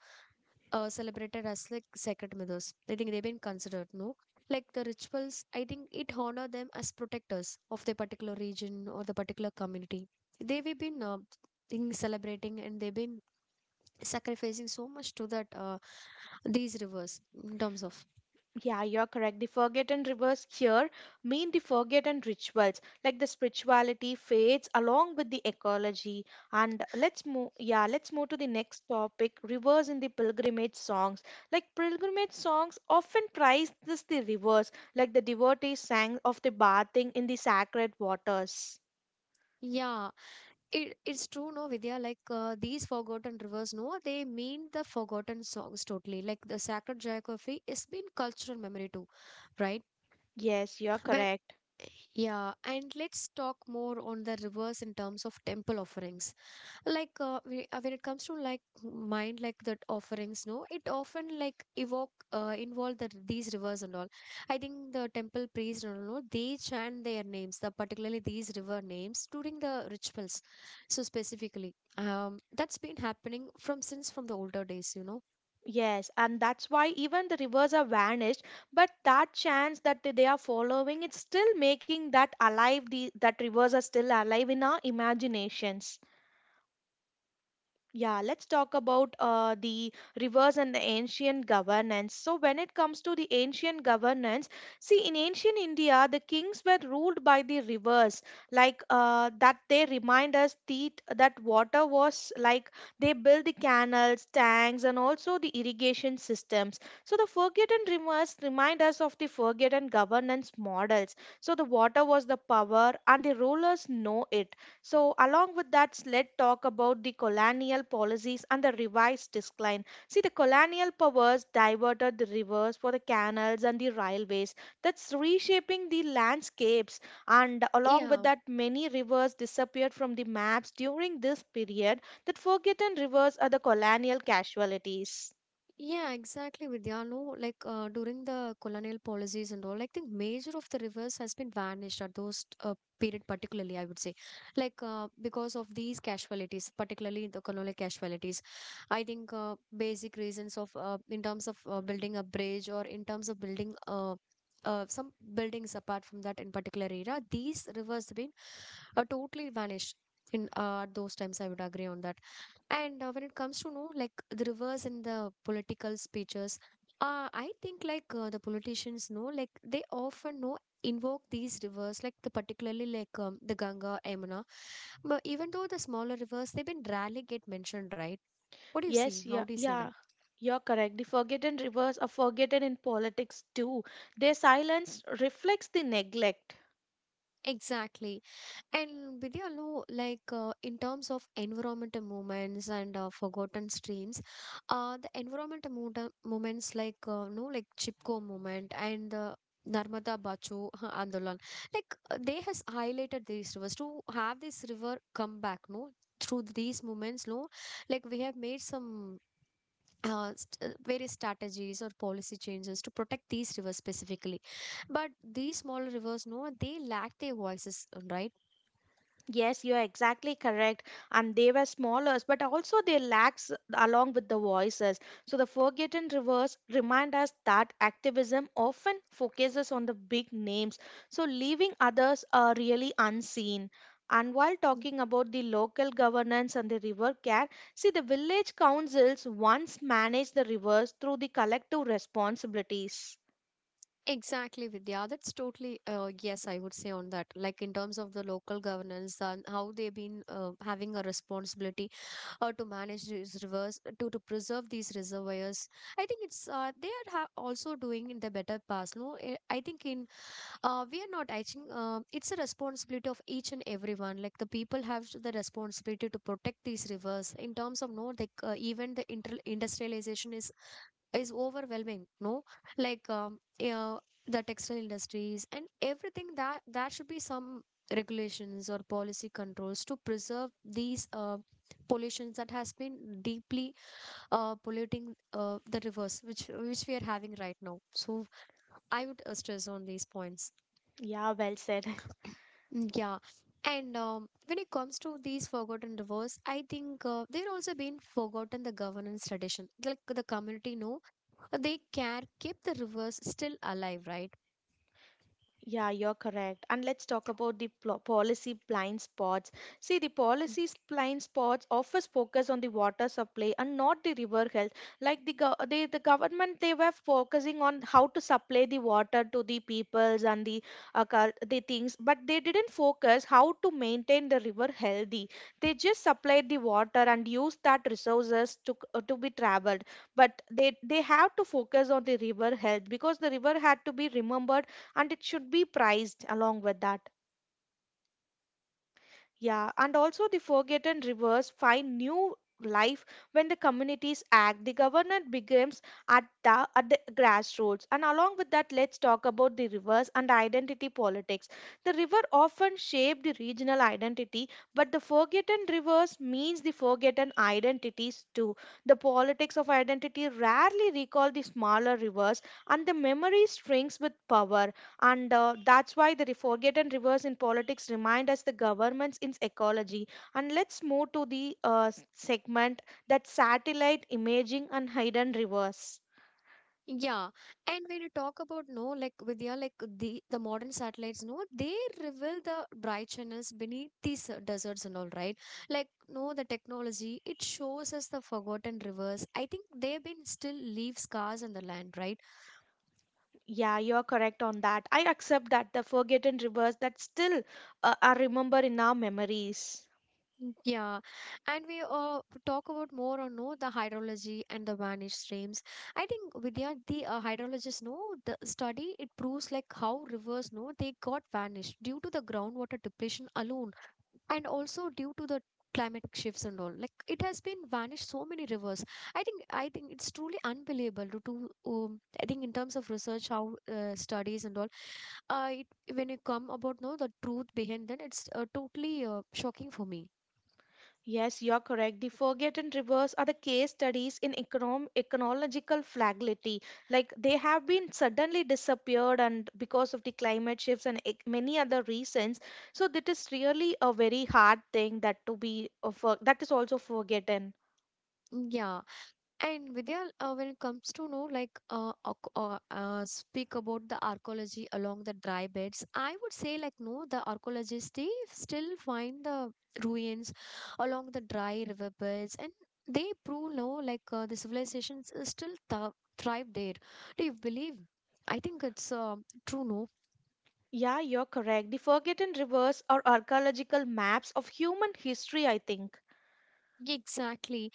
A: celebrated as like sacred mothers. I think they've been considered, no? Like the rituals, I think it honor them as protectors of the particular region or the particular community. They've been in celebrating and they've been sacrificing so much to that these rivers in terms of
B: Yeah, you're correct. The forgotten rivers here mean the forgotten rituals, like the spirituality fades along with the ecology. And let's move, yeah, let's move to the next topic rivers in the pilgrimage songs. Like pilgrimage songs often praise this the rivers, like the devotees sang of the bathing in the sacred waters.
A: yeah. It, it's true no Vidya, like these forgotten rivers no they mean the forgotten songs totally, like the sacred geography is been cultural memory too, right?
B: Yes, you're
A: When,
B: correct.
A: yeah, and let's talk more on the reverse in terms of temple offerings. Like when it comes to like mind, like that offerings, no, it often like evoke involve the these rivers and all. I think the temple priest and all, they chant their names, the particularly these river names during the rituals. So specifically, that's been happening from since from the older days, you know.
B: Yes, and that's why even the rivers are vanished. But that chance that they are following, it's still making that alive. That rivers are still alive in our imaginations. Yeah, let's talk about the rivers and the ancient governance. So, when it comes to the ancient governance, see, in ancient India, the kings were ruled by the rivers, like that they remind us the, that water was like they built the canals, tanks, and also the irrigation systems. So, the forgotten rivers remind us of the forgotten governance models. So, the water was the power, and the rulers know it. So, along with that, let's talk about the colonial policies and the revised decline. See, the colonial powers diverted the rivers for the canals and the railways. That's reshaping the landscapes. And along with
A: Yeah.
B: that, many rivers disappeared from the maps during this period. That forgotten rivers are the colonial casualties.
A: Yeah, exactly, Vidya. No, like during the colonial policies and all, like the major of the rivers has been vanished at those period, particularly, I would say, like because of these casualties, particularly the colonial casualties. I think Basic reasons of in terms of building a bridge or in terms of building some buildings apart from that in particular area, these rivers have been totally vanished in those times. I would agree on that. And when it comes to know like the reverse in the political speeches, I think like the politicians know like they often know invoke these rivers like the particularly like the Ganga, Yamuna. But even though the smaller rivers, they've been rarely get mentioned, right? What do you see?
B: Yes,
A: How
B: yeah,
A: do you see that?
B: yeah. You're correct. The forgotten rivers are forgotten in politics too. Their silence reflects the neglect.
A: Exactly. And Vidya, no, like in terms of environmental movements and forgotten streams, the environmental movements like no, like Chipko movement and the Narmada Bacho (laughs) Andolan, like they has highlighted these rivers to have this river come back, no, through these movements, no, like we have made some. Various strategies or policy changes to protect these rivers specifically, but these smaller rivers no they lack their voices, right?
B: Yes, you are exactly correct. And they were smaller, but also they lacks along with the voices. So the Forgotten Rivers remind us that activism often focuses on the big names, so leaving others are really unseen. And while talking about the local governance and the river care, see the village councils once managed the rivers through the collective responsibilities.
A: Exactly, Vidya. That's totally yes, I would say on that. Like in terms of the local governance and how they've been having a responsibility to manage these rivers, to preserve these reservoirs. I think it's they are ha- also doing in the better past. No. I think in we are not, I think it's a responsibility of each and everyone. Like the people have the responsibility to protect these rivers in terms of no, like even the industrialization is overwhelming, no, like yeah, the textile industries and everything, that should be some regulations or policy controls to preserve these pollutions that has been deeply polluting the rivers which we are having right now. So I would stress on these points.
B: Yeah, well said. (laughs)
A: Mm. Yeah, and when it comes to these forgotten rivers, I think they're also being forgotten, the governance tradition. Like the community know, they care, keep the rivers still alive, right?
B: Yeah, you're correct. And let's talk about the policy blind spots. See, the policy blind spots often focus on the water supply and not the river health. Like the the government, they were focusing on how to supply the water to the peoples and the the things, but they didn't focus how to maintain the river healthy. They just supplied the water and used that resources to to be traveled. But they have to focus on the river health because the river had to be remembered and it should be priced along with that. Yeah, and also the forgotten rivers find new life when the communities act. The governance begins at the grassroots, and along with that, let's talk about the rivers and identity politics. The river often shape the regional identity, but the forgotten rivers means the forgotten identities too. The politics of identity rarely recall the smaller rivers, and the memory strings with power. And that's why the forgotten rivers in politics remind us the governments in ecology. And let's move to the segment that satellite imaging and hidden rivers.
A: Yeah, and when you talk about, no, like Vidya, like the modern satellites, no, they reveal the bright channels beneath these deserts and all, right? Like no, the technology it shows us the forgotten rivers. I think they've been still leave scars on the land, right?
B: Yeah, you're correct on that. I accept that the forgotten rivers that still are remembered in our memories.
A: Yeah, and we talk about more on no, the hydrology and the vanished streams. I think Vidya, the hydrologists know, the study it proves like how rivers, no, they got vanished due to the groundwater depletion alone, and also due to the climatic shifts and all. Like it has been vanished so many rivers. I think it's truly unbelievable to I think in terms of research, how studies and all. Uh, it, when you come about no the truth behind that, it's totally shocking for me.
B: Yes, you're correct. The forgotten rivers are the case studies in ecological fragility. Like they have been suddenly disappeared, and because of the climate shifts and many other reasons. So that is really a very hard thing that to be that is also forgotten.
A: Yeah. And Vidya, when it comes to know, like speak about the archaeology along the dry beds, I would say like no, the archaeologists they still find the ruins along the dry river beds, and they prove no, like the civilizations is still thrive there. Do you believe? I think it's true. No,
B: Yeah, you're correct. The forgotten rivers are archaeological maps of human history, I think.
A: exactly.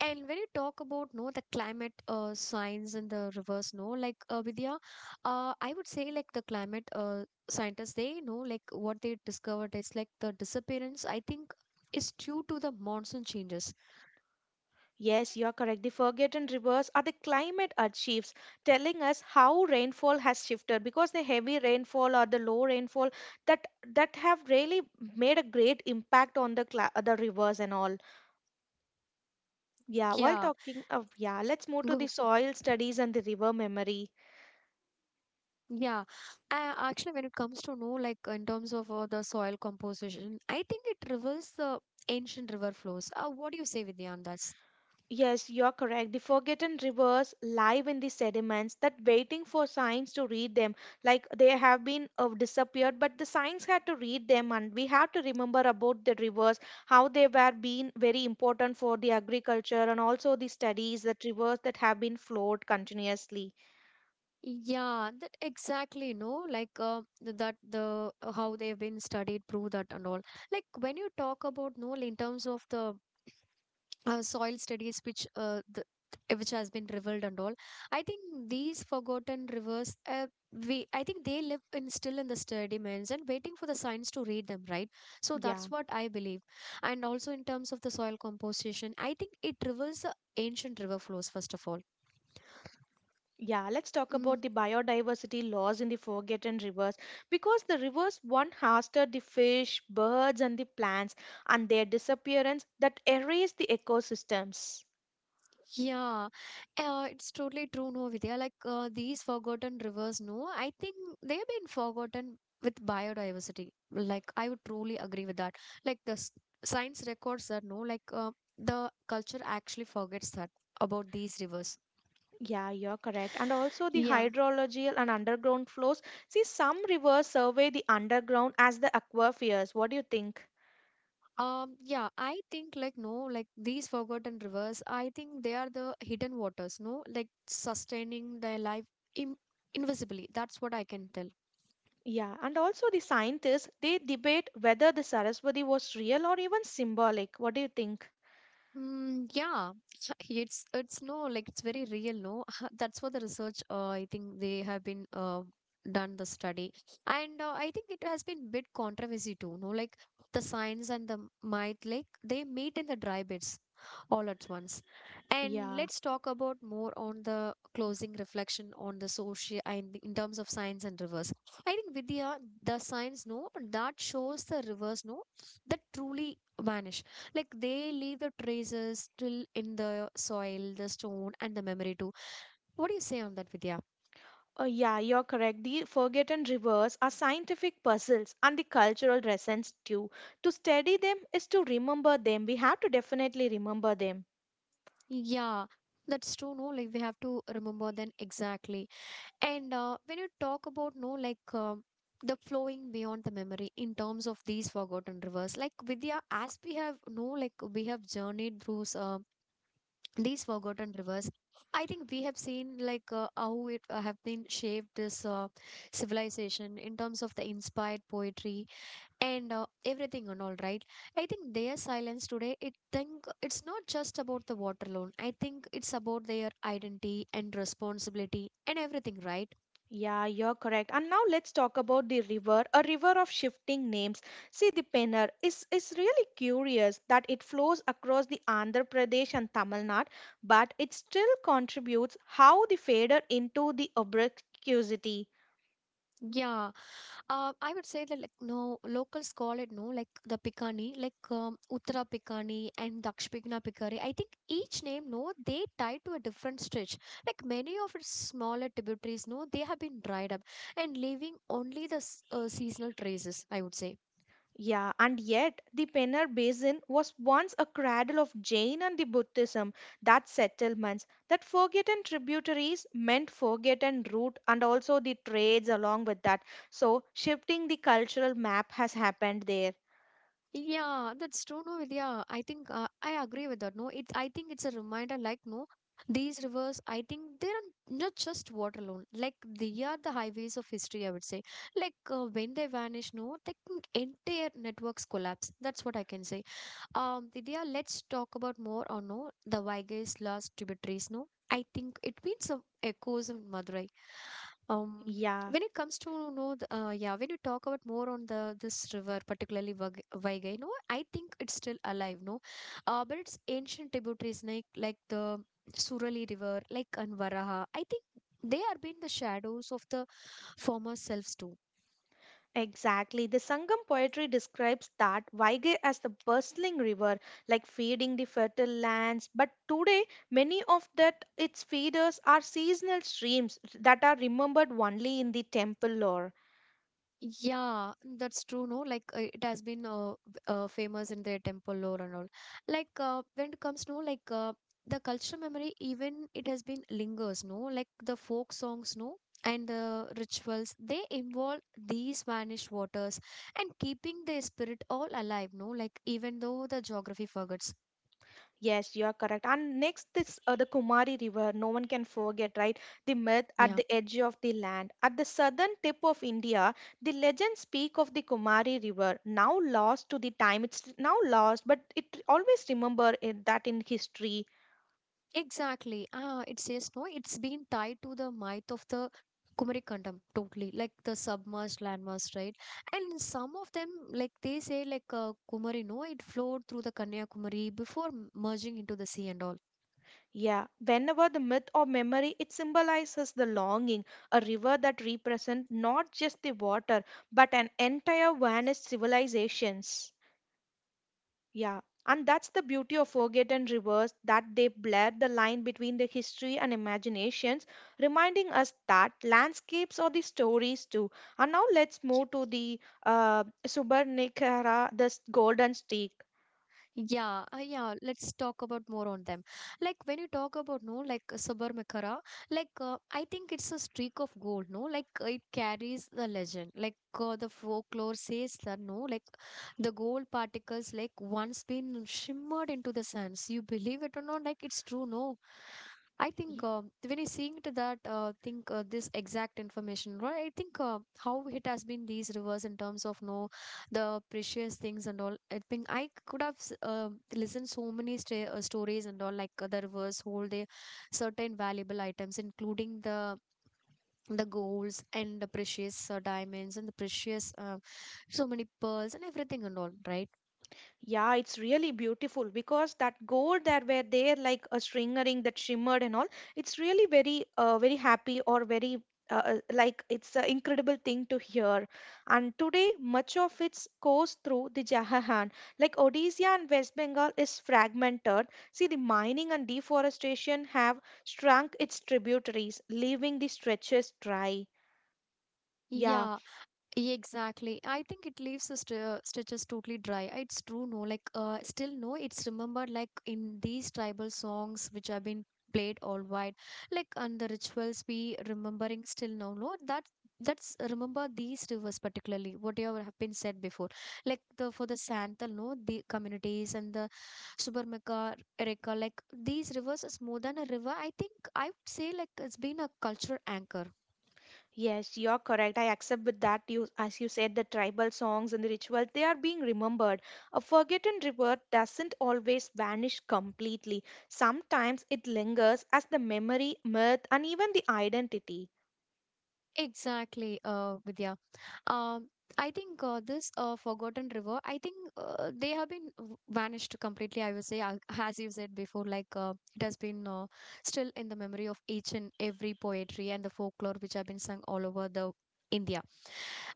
A: And when you talk about no, the climate science and the reverse, no, like Vidya, I would say like the climate scientists they know, like what they discovered is like the disappearance. I think is due to the monsoon changes.
B: Yes, you are correct. The forgotten rivers are the climate earth shifts, telling us how rainfall has shifted because the heavy rainfall or the low rainfall that have really made a great impact on the cla the rivers and all. Yeah, while
A: Yeah,
B: talking of, yeah, let's move to the
A: go,
B: soil studies and the river memory.
A: yeah. Actually, when it comes to no, like in terms of the soil composition, I think it reveals the ancient river flows. What do you say, Vidya, on that?
B: Yes, you're correct. The forgotten rivers live in the sediments that waiting for signs to read them. Like they have been disappeared, but the signs had to read them, and we have to remember about the rivers, how they were being very important for the agriculture and also the studies, that rivers that have been flowed continuously.
A: Yeah, that exactly, no, like that the how they have been studied prove that and all. Like when you talk about no, in terms of the soil studies, which which has been revealed and all, I think these forgotten rivers, we I think they live in still in the sediments and waiting for the science to read them, right? So
B: Yeah.
A: that's what I believe. And also in terms of the soil composition, I think it reveals the ancient river flows first of all.
B: Yeah, let's talk
A: Mm.
B: about the biodiversity loss in the forgotten rivers because the rivers once hosted the fish, birds, and the plants, and their disappearance that erased the ecosystems.
A: Yeah, it's totally true, no, Vidya. Like these forgotten rivers, no, I think they've been forgotten with biodiversity. Like I would truly agree with that. Like the science records that, no, like the culture actually forgets that about these rivers.
B: Yeah, you're correct. And also the
A: Yeah.
B: hydrological and underground flows. See, some rivers survey the underground as the aquifers. What do you think?
A: Yeah, I think like no, like these forgotten rivers, I think they are the hidden waters, no, like sustaining their life in invisibly. That's what I can tell.
B: Yeah, and also the scientists they debate whether the Saraswati was real or even symbolic. What do you think?
A: Mm, yeah, (laughs) it's no like it's very real. No, (laughs) that's what the research. I think they have been done the study, and I think it has been bit controversy too. No, like the science and the might like they meet in the dry beds all at once. And
B: Yeah.
A: let's talk about more on the closing reflection on the social and in terms of science and rivers. I think Vidya, the science no that shows the rivers no that truly vanishes, like they leave the traces still in the soil, the stone and the memory too. What do you say on that, Vidya?
B: Oh, yeah, you're correct. The forgotten rivers are scientific puzzles and the cultural lessons too. To study them is to remember them. We have to definitely remember them.
A: Yeah, that's true. No, like we have to remember then. Exactly. And when you talk about no, like the flowing beyond the memory in terms of these forgotten rivers, like Vidya, as we have no, like we have journeyed through these forgotten rivers, I think we have seen like how it have been shaped this civilization in terms of the inspired poetry and everything and all, right? I think their silence today it think it's not just about the water loan, I think it's about their identity and responsibility and everything, right?
B: Yeah, you're correct. And now let's talk about the river, a river of shifting names. See, the Pennar is really curious that it flows across the Andhra Pradesh and Tamil Nadu, but it still contributes how they faded into the obscurity.
A: Yeah, I would say that like no, locals call it no, like the Pikani, like Uttara Pikani and Dakshpikna Pikari. I think each name no, they tie to a different stretch. Like many of its smaller tributaries no, they have been dried up and leaving only the seasonal traces, I would say.
B: Yeah, and yet the Pennar Basin was once a cradle of Jain and the Buddhism. That settlements, that forgotten tributaries meant forgotten route and also the trades along with that. So shifting the cultural map has happened there.
A: Yeah, that's true. No, yeah, I think I agree with that. No, it's, I think it's a reminder. Like, no, these rivers, I think they're not just water alone. Like, they are the highways of history, I would say, like, when they vanish, no, like mm, entire networks collapse. That's what I can say. Vidya, let's talk about more or no the Vaiga's last tributaries. No, I think it means some echoes of Madurai. Um,
B: Yeah.
A: when it comes to you know, yeah, when you talk about more on the this river, particularly Vaigai, no, I think it's still alive. No, but it's ancient tributaries like the Surali River, like Anvaraha. I think they are being the shadows of the former selves too.
B: Exactly. The Sangam poetry describes that Vaige as the bustling river, like feeding the fertile lands. But today, many of that its feeders are seasonal streams that are remembered only in the temple lore.
A: Yeah, that's true. No, like it has been famous in their temple lore and all. Like when it comes, no, like the cultural memory, even it has been lingers. No, like the folk songs, no, and the rituals, they involve these vanished waters and keeping the spirit all alive. No, like even though the geography forgets.
B: Yes, you are correct. And next is the Kumari River. No one can forget, right? The myth at
A: Yeah.
B: the edge of the land. At the southern tip of India, the legends speak of the Kumari River, now lost to the time. It's now lost, but it always remember it, that in history.
A: Exactly. Ah, it says no, it's been tied to the myth of the Kumarikandam totally, like the submerged landmass, right? And some of them, like they say, like Kumari, no, it flowed through the Kanyakumari before merging into the sea and all.
B: Yeah, whenever the myth or memory, it symbolizes the longing, a river that represents not just the water, but an entire vanished civilizations. Yeah, and that's the beauty of forgotten rivers that they blur the line between the history and imaginations, reminding us that landscapes are the stories too. And now let's move to the Subarnikara, the golden stick.
A: Yeah, yeah. Let's talk about more on them. Like when you talk about no, like Sabarmakara, like I think it's a streak of gold. No, like it carries the legend. Like the folklore says that no, like the gold particles, like once been shimmered into the sands. You believe it or not? Like it's true. No, I think when you seeing to that, think this exact information, right? I think how it has been these rivers in terms of no, the precious things and all. I think I could have listened so many sta stories and all. Like there was whole the certain valuable items, including the golds and the precious diamonds and the precious so many pearls and everything and all, right?
B: Yeah, it's really beautiful because that gold that were there, like a string ring that shimmered and all, it's really very, very happy or very like it's an incredible thing to hear. And today, much of it goes through the Jahan. Like Odisha and West Bengal is fragmented. See, the mining and deforestation have shrunk its tributaries, leaving the stretches dry. Yeah.
A: Yeah, Yeah, exactly. I think it leaves the stitches totally dry. It's true, no. Like, still, no, it's remembered like in these tribal songs which have been played all wide, like and the rituals we remembering still now. No, that that's remember these rivers particularly. Whatever have been said before, like the for the Santal, no, the communities and the Subarmaka, Erika, like these rivers is more than a river. I think I would say like it's been a cultural anchor.
B: Yes, you're correct. I accept with that you as you said the tribal songs and the ritual they are being remembered. A forgotten river doesn't always vanish completely. Sometimes it lingers as the memory, myth and even the identity.
A: Exactly, Vidya. Um, I think this Forgotten River, I think they have been vanished completely, I would say, as you said before, like it has been still in the memory of each and every poetry and the folklore which have been sung all over the India.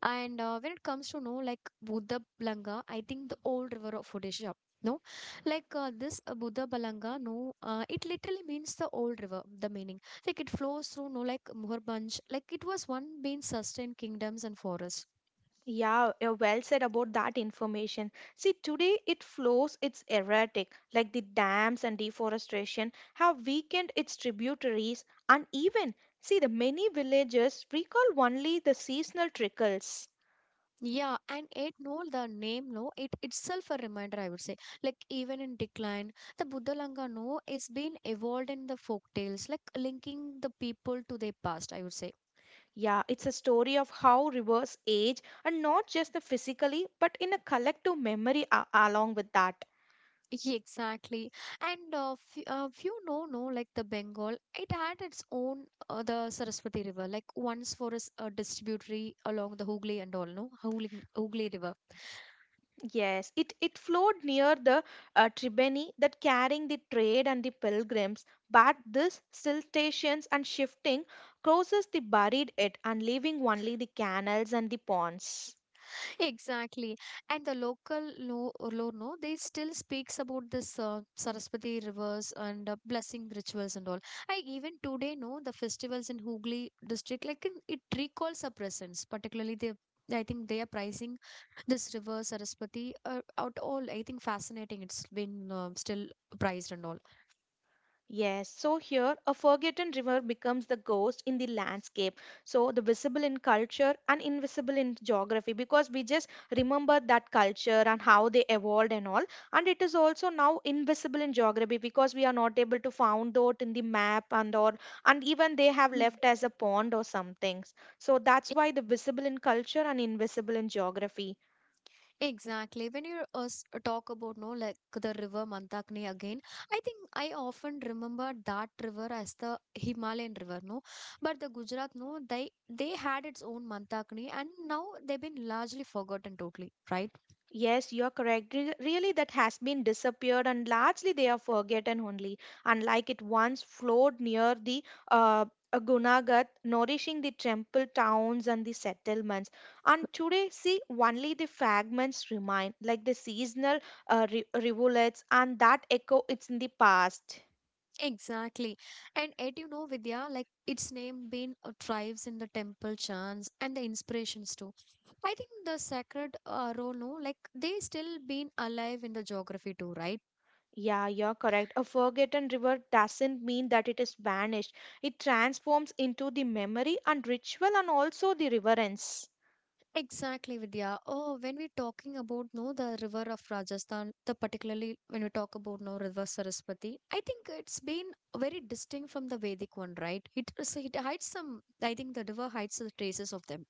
A: And when it comes to know like Budabalanga, I think the old river of Odisha. No, like this Budabalanga, no, it literally means the old river. The meaning, like it flows through, no, like Muharbanj, like it was one being sustained kingdoms and forests.
B: Yeah, you're well said about that information. See, today it flows, it's erratic, like the dams and deforestation have weakened its tributaries, and even see the many villages recall only the seasonal trickles.
A: Yeah, and it no, the name no, it itself a reminder. I would say, like even in decline, the Buddhalanga no, it's been evolved in the folk tales, like linking the people to their past, I would say.
B: Yeah, it's a story of how rivers age and not just the physically, but in a collective memory along with that.
A: Yeah, exactly. And a uh, few know, no, like the Bengal, it had its own, the Saraswati River, like once for us, a distributary along the Hooghly and all, no? Hooghly River.
B: Yes, it flowed near the Tribeni that carrying the trade and the pilgrims, but this siltations and shifting closes the buried it and leaving only the canals and the ponds.
A: Exactly. And the local Lono, they still speaks about this Saraswati rivers and blessing rituals and all. I even today know the festivals in Hooghly district, like it recalls our presence, particularly the I think they are pricing this river Saraswati out all. I think fascinating. It's been still prized and all.
B: Yes, so here a forgotten river becomes the ghost in the landscape. So the visible in culture and invisible in geography because we just remember that culture and how they evolved and all. And it is also now invisible in geography because we are not able to found out in the map and or and even they have
A: Mhm.
B: left as a pond or something. So that's why the visible in culture and invisible in geography.
A: Exactly. When you talk about no, like the river Mantakni again, I think I often remember that river as the Himalayan river, no. But the Gujarat, no, they had its own Mantakni, and now they've been largely forgotten totally, right?
B: Yes, you're correct. Really, that has been disappeared, and largely they are forgotten only. Unlike it once flowed near the uh, Gunagat, nourishing the temple towns and the settlements. And today, see, only the fragments remain, like the seasonal rivulets, and that echo it's in the past.
A: Exactly. And yet, you know, Vidya, like its name being thrives in the temple chants and the inspirations too. I think the sacred role, no, like they still been alive in the geography too, right?
B: Yeah, you're correct. A forgotten river doesn't mean that it is vanished. It transforms into the memory and ritual and also the reverence.
A: Exactly, Vidya. Oh, when we talking about no the river of Rajasthan, the particularly when we talk about no river Saraswati, I think it's been very distinct from the Vedic one, right? It it hides some. I think the river hides the traces of them.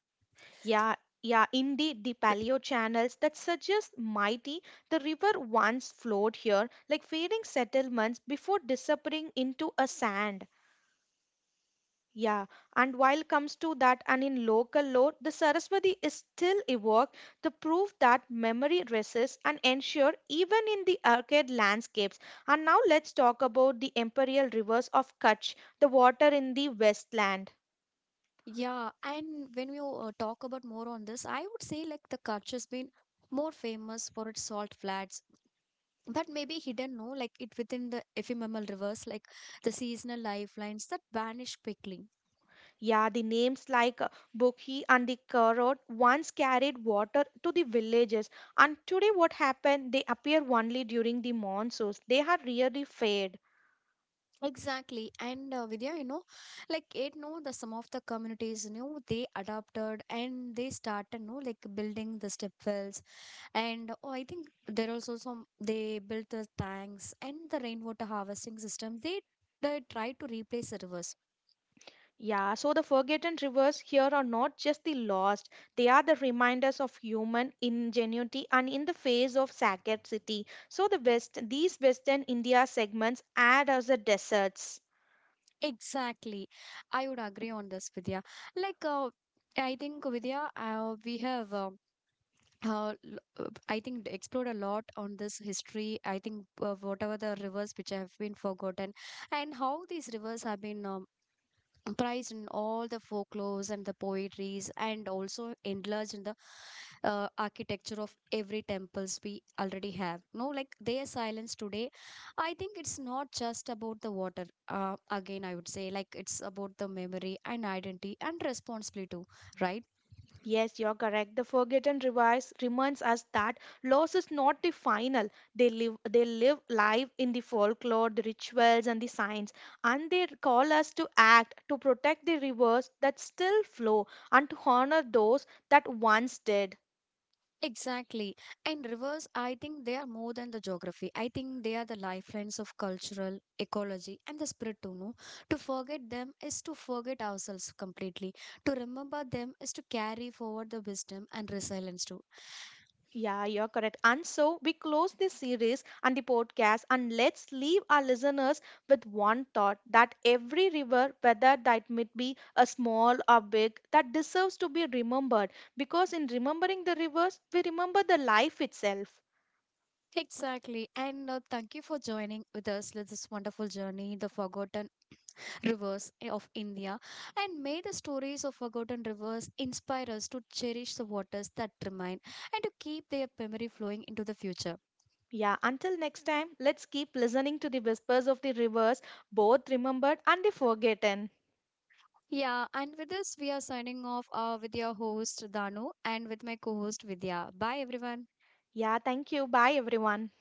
B: Yeah, yeah, indeed, the paleo channels that suggest mighty the river once flowed here, like fading settlements before disappearing into a sand. Yeah, and while comes to that, and in local lore, the Saraswati is still evoked, the proof that memory resists and ensure even in the arcade landscapes. And now let's talk about the imperial rivers of Kutch, the water in the Westland.
A: Yeah, and when we talk about more on this, I would say like the Kutch has been more famous for its salt flats, but maybe hidden, no, like it within the ephemeral rivers, like the seasonal lifelines that vanish quickly.
B: Yeah, the names like Bokhi and the Karot once carried water to the villages, and today what happened? They appear only during the monsoons. They have really faded.
A: Exactly. And Vidya, you know, like it, know the some of the communities, you know, they adopted and they started, you know, like building the step wells. And oh, I think there also some they built the tanks and the rainwater harvesting system. They try to replace the rivers.
B: Yeah, so the forgotten rivers here are not just the lost, they are the reminders of human ingenuity and in the face of Saket city. So the West, these Western India segments add as the deserts.
A: Exactly. I would agree on this, Vidya. Like, I think Vidya, I think explored a lot on this history. I think whatever the rivers which have been forgotten, and how these rivers have been prized in all the folklores and the poetries, and also enlarged in the architecture of every temples we already have. No, like their silence today, I think it's not just about the water. Again, I would say like it's about the memory and identity and responsibility too, right?
B: Yes, you're correct. The Forgotten Revise reminds us that loss is not the final. They live live in the folklore, the rituals and the signs. And they call us to act, to protect the rivers that still flow, and to honor those that once did.
A: Exactly. And rivers, I think they are more than the geography. I think they are the lifelines of cultural, ecology, and the spirit too, no? To forget them is to forget ourselves completely. To remember them is to carry forward the wisdom and resilience too.
B: Yeah, you're correct. And so we close this series and the podcast, and let's leave our listeners with one thought that every river, whether that might be a small or big, that deserves to be remembered because in remembering the rivers, we remember the life itself.
A: Exactly. And thank you for joining with us with this wonderful journey, the forgotten rivers of India, and may the stories of forgotten rivers inspire us to cherish the waters that remain and to keep their memory flowing into the future.
B: Yeah, until next time, let's keep listening to the whispers of the rivers, both remembered and the forgotten.
A: Yeah, and with this, we are signing off with your host Danu and with my co host Vidya. Bye, everyone.
B: Yeah, thank you. Bye, everyone.